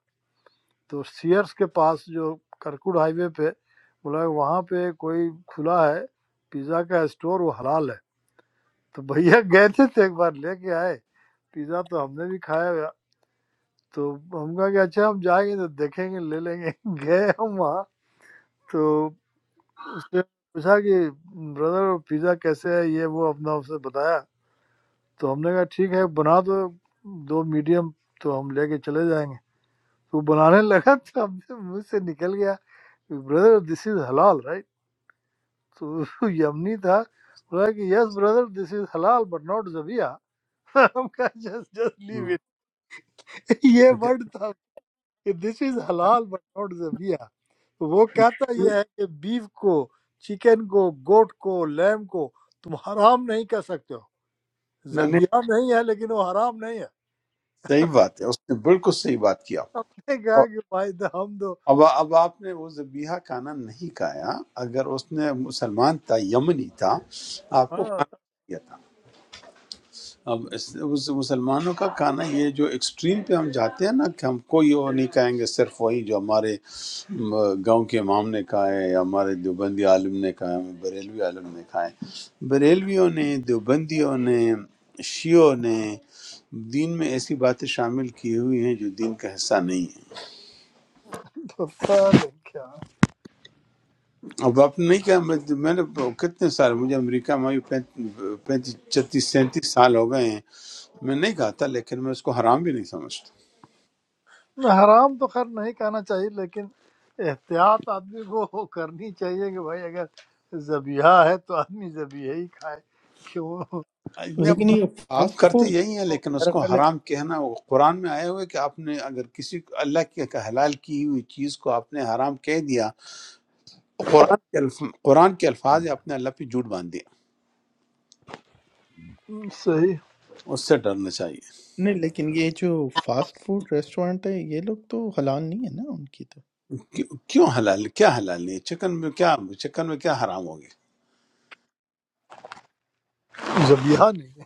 F: تو سیئرس کے پاس جو کرکوڑ ہائی وے پہ بولا وہاں پہ کوئی کھلا ہے پیزا کا اسٹور وہ حلال ہے تو بھیا گئے تھے تو ایک بار لے کے آئے پیزا تو ہم نے بھی کھایا تو ہم کہا کہ اچھا ہم جائیں گے تو دیکھیں گے لے لیں گے گئے ہم وہاں تو اس نے پوچھا کہ بردر پیزا کیسے ہے یہ وہ اپنا اسے بتایا تو ہم نے کہا ٹھیک ہے بنا دو دو میڈیم تو ہم لے کے چلے جائیں گے تو وہ بنانے لگا تو ہم سے منہ سے نکل گیا بردر دس از حلال رائٹ تو یمنی تھا بولا کہ یس بردر دس از حلال بٹ ناٹ زبیہ ہم کہا جسٹ جسٹ لیو اٹ یہ
B: نہیں
F: ورڈ تھا کہ دس از حلال بٹ ناٹ زبیہ وہ کہتا یہ ہے کہ بیف کو چکن کو گوٹ کو لیم کو تم حرام نہیں کہہ سکتے ہو
B: نہیں،
F: ذبیحہ نہیں ہے لیکن وہ حرام نہیں ہے
B: صحیح بات ہے اس نے بالکل صحیح بات کی آپ
F: ہم
B: کو
F: نے کہا
B: اور
F: کہ بھائی دا ہم دو
B: اب اب آپ نے وہ ذبیحہ کھانا نہیں کھایا اگر اس نے مسلمان تھا یمنی تھا آپ کو
F: ہاں
B: کھانا چاہیے اب اس اس مسلمانوں کا کھانا یہ جو ایکسٹریم پہ ہم جاتے ہیں نا کہ ہم کوئی وہ نہیں کہیں گے صرف وہی جو ہمارے م، گاؤں کے امام نے کہا ہے یا ہمارے دیوبندی عالم نے کہا ہے بریلوی عالم نے کہا ہے بریلویوں نے دیوبندیوں نے شیعوں نے دین میں ایسی باتیں شامل کی ہوئی ہیں جو دین کا حصہ نہیں ہے
F: پتہ نہیں کیا
B: اب آپ نے کیا میں میں نے کتنے سال مجھے امریکہ میں پینتیس چھتیس سینتیس سال ہو گئے ہیں میں نہیں کہا تھا لیکن میں اس کو حرام بھی نہیں سمجھتا
F: حرام تو خیر نہیں کہنا چاہیے لیکن احتیاط آدمی کو کرنی چاہیے کہ بھائی اگر ذبیحہ ہے تو آدمی ذبیحہ ہی کھائے کہ وہ
B: نے
D: لیکن
B: اور
D: یہ
B: ہم
D: فاسٹ
B: کرتے
D: فوڈ
B: یہی ہیں
D: تو
B: لیکن اس
D: میرا
B: کو
D: خیال ہے
B: حرام کہنا وہ قرآن میں آیا ہوا ہے کہ آپ نے اگر کسی کو اللہ کی کا حلال کی ہوئی چیز کو آپ نے حرام کہہ دیا تو قرآن کے الف... قرآن کے الفاظ ہے آپ نے اللہ پہ جھوٹ باندھ دیا
F: صحیح
B: اس سے ڈرنا چاہیے
D: نہیں لیکن یہ جو فاسٹ فوڈ ریسٹورینٹ ہے یہ لوگ تو حلال نہیں ہے نا ان کی تو
B: کیوں کیوں حلال کیا حلال نہیں ہے؟ چکن میں کیا چکن میں کیا حرام ہو
F: ذبیحہ نہیں ہے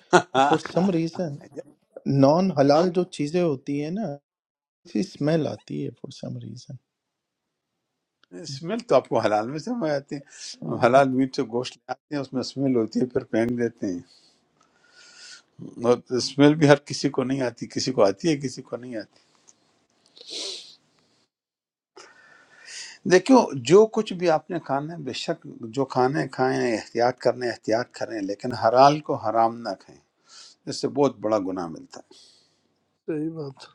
B: گیا
D: فور سم ریزن نان
B: ہاں
D: حلال جو چیزیں ہوتی ہیں نا اسی سمیل آتی ہے فور سم ریزن
B: اسمیل تو آپ کو حلال میں سمجھ آتی ہے ہم حلال میٹ سے گوشت لے آتے ہیں اس میں اسمیل ہوتی ہے پھر پھینک دیتے ہیں اور اسمیل بھی ہر کسی کو نہیں آتی کسی کو آتی ہے کسی کو نہیں آتی دیکھو جو کچھ بھی آپ نے کھانا ہے بے شک جو کھانا ہے کھائیں احتیاط کرنے احتیاط کریں لیکن حلال کو حرام نہ کھائیں اس سے بہت بڑا گناہ ملتا ہے
F: صحیح بات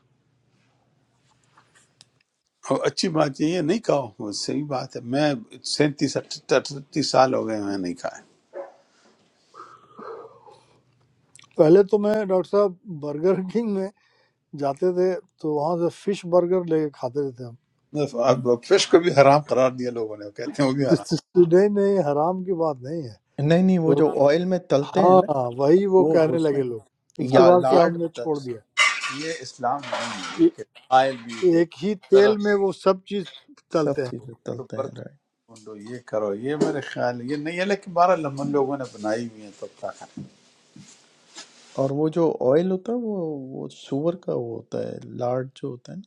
B: اور اچھی بات یہ ہے نہیں کھاؤ صحیح بات ہے میں سینتیس اٹھتیس سال ہو گئے میں نہیں کھایا
F: پہلے تو میں ڈاکٹر صاحب برگر کنگ میں جاتے تھے تو وہاں سے فش برگر لے کے کھاتے رہتے ہم
B: اب اب فش کو بھی حرام قرار دیا لوگوں نے وہ کہتے ہیں وہ بھی حرام
F: نہیں نہیں حرام کی بات نہیں ہے
D: نہیں نہیں وہ
F: تو
D: جو آئل میں تلتے ہیں نا
F: ہاں وہی وہ
D: وہ
F: کہنے
D: اس
F: لگے
D: میں
F: لوگ اس کے
B: اب
D: یا
F: بعد
B: یہ
F: سے ہم
D: لاڈ
F: نے
D: ہوتا ہے
F: چھوڑ
D: اس
F: دیا
D: میں
B: یہ اسلام نہیں ہے یہ کہ آئل بھی
F: کہ
B: کہ
F: ایک ہی تیل
B: درخت
F: میں وہ سب چیز
D: سب
F: تلتے ہیں
D: چیزیں
B: تو
D: تلتے ہیں
B: برتن
D: رائٹ
B: ڈھونڈو یہ کرو یہ میرے خیال یہ نہیں ہے لیکن بارہ لمن لوگوں نے بنائی ہوئی ہیں تو کیا کریں
D: اور وہ جو آئل ہوتا ہے وہ وہ سور کا وہ ہوتا ہے لاڈ جو ہوتا ہے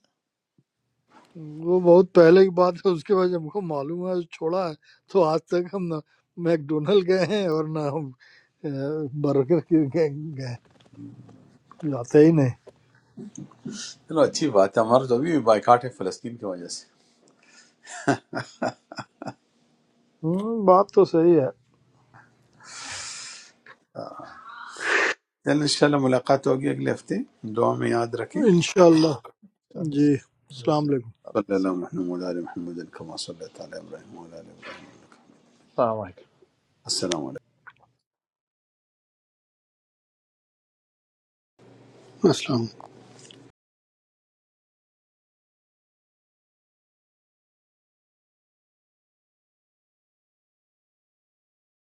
F: وہ بہت پہلے کی بات ہے اس کے بعد ہم کو معلوم ہے چھوڑا ہے تو آج تک ہم نہ میک ڈونلڈ گئے ہیں اور نہ ہم برگر کی گئے گئے- جاتے ہی نہیں
B: چلو اچھی بات ہے ہمارا تو ابھی بھی بائیکاٹ ہے فلسطین کی وجہ سے
F: ہوں، بات تو صحیح
B: چل انشاءاللہ ملاقات ہوگی اگلے ہفتے دعا میں یاد رکھیں
F: ہے انشاءاللہ جی السلام علیکم
B: صلی
D: نا
B: اللہ علیہ محمد علیہ محمد کما صلی اللہ علیہ وسلم
H: सामान्य
B: السلام علیکم
C: السلام علیکم۔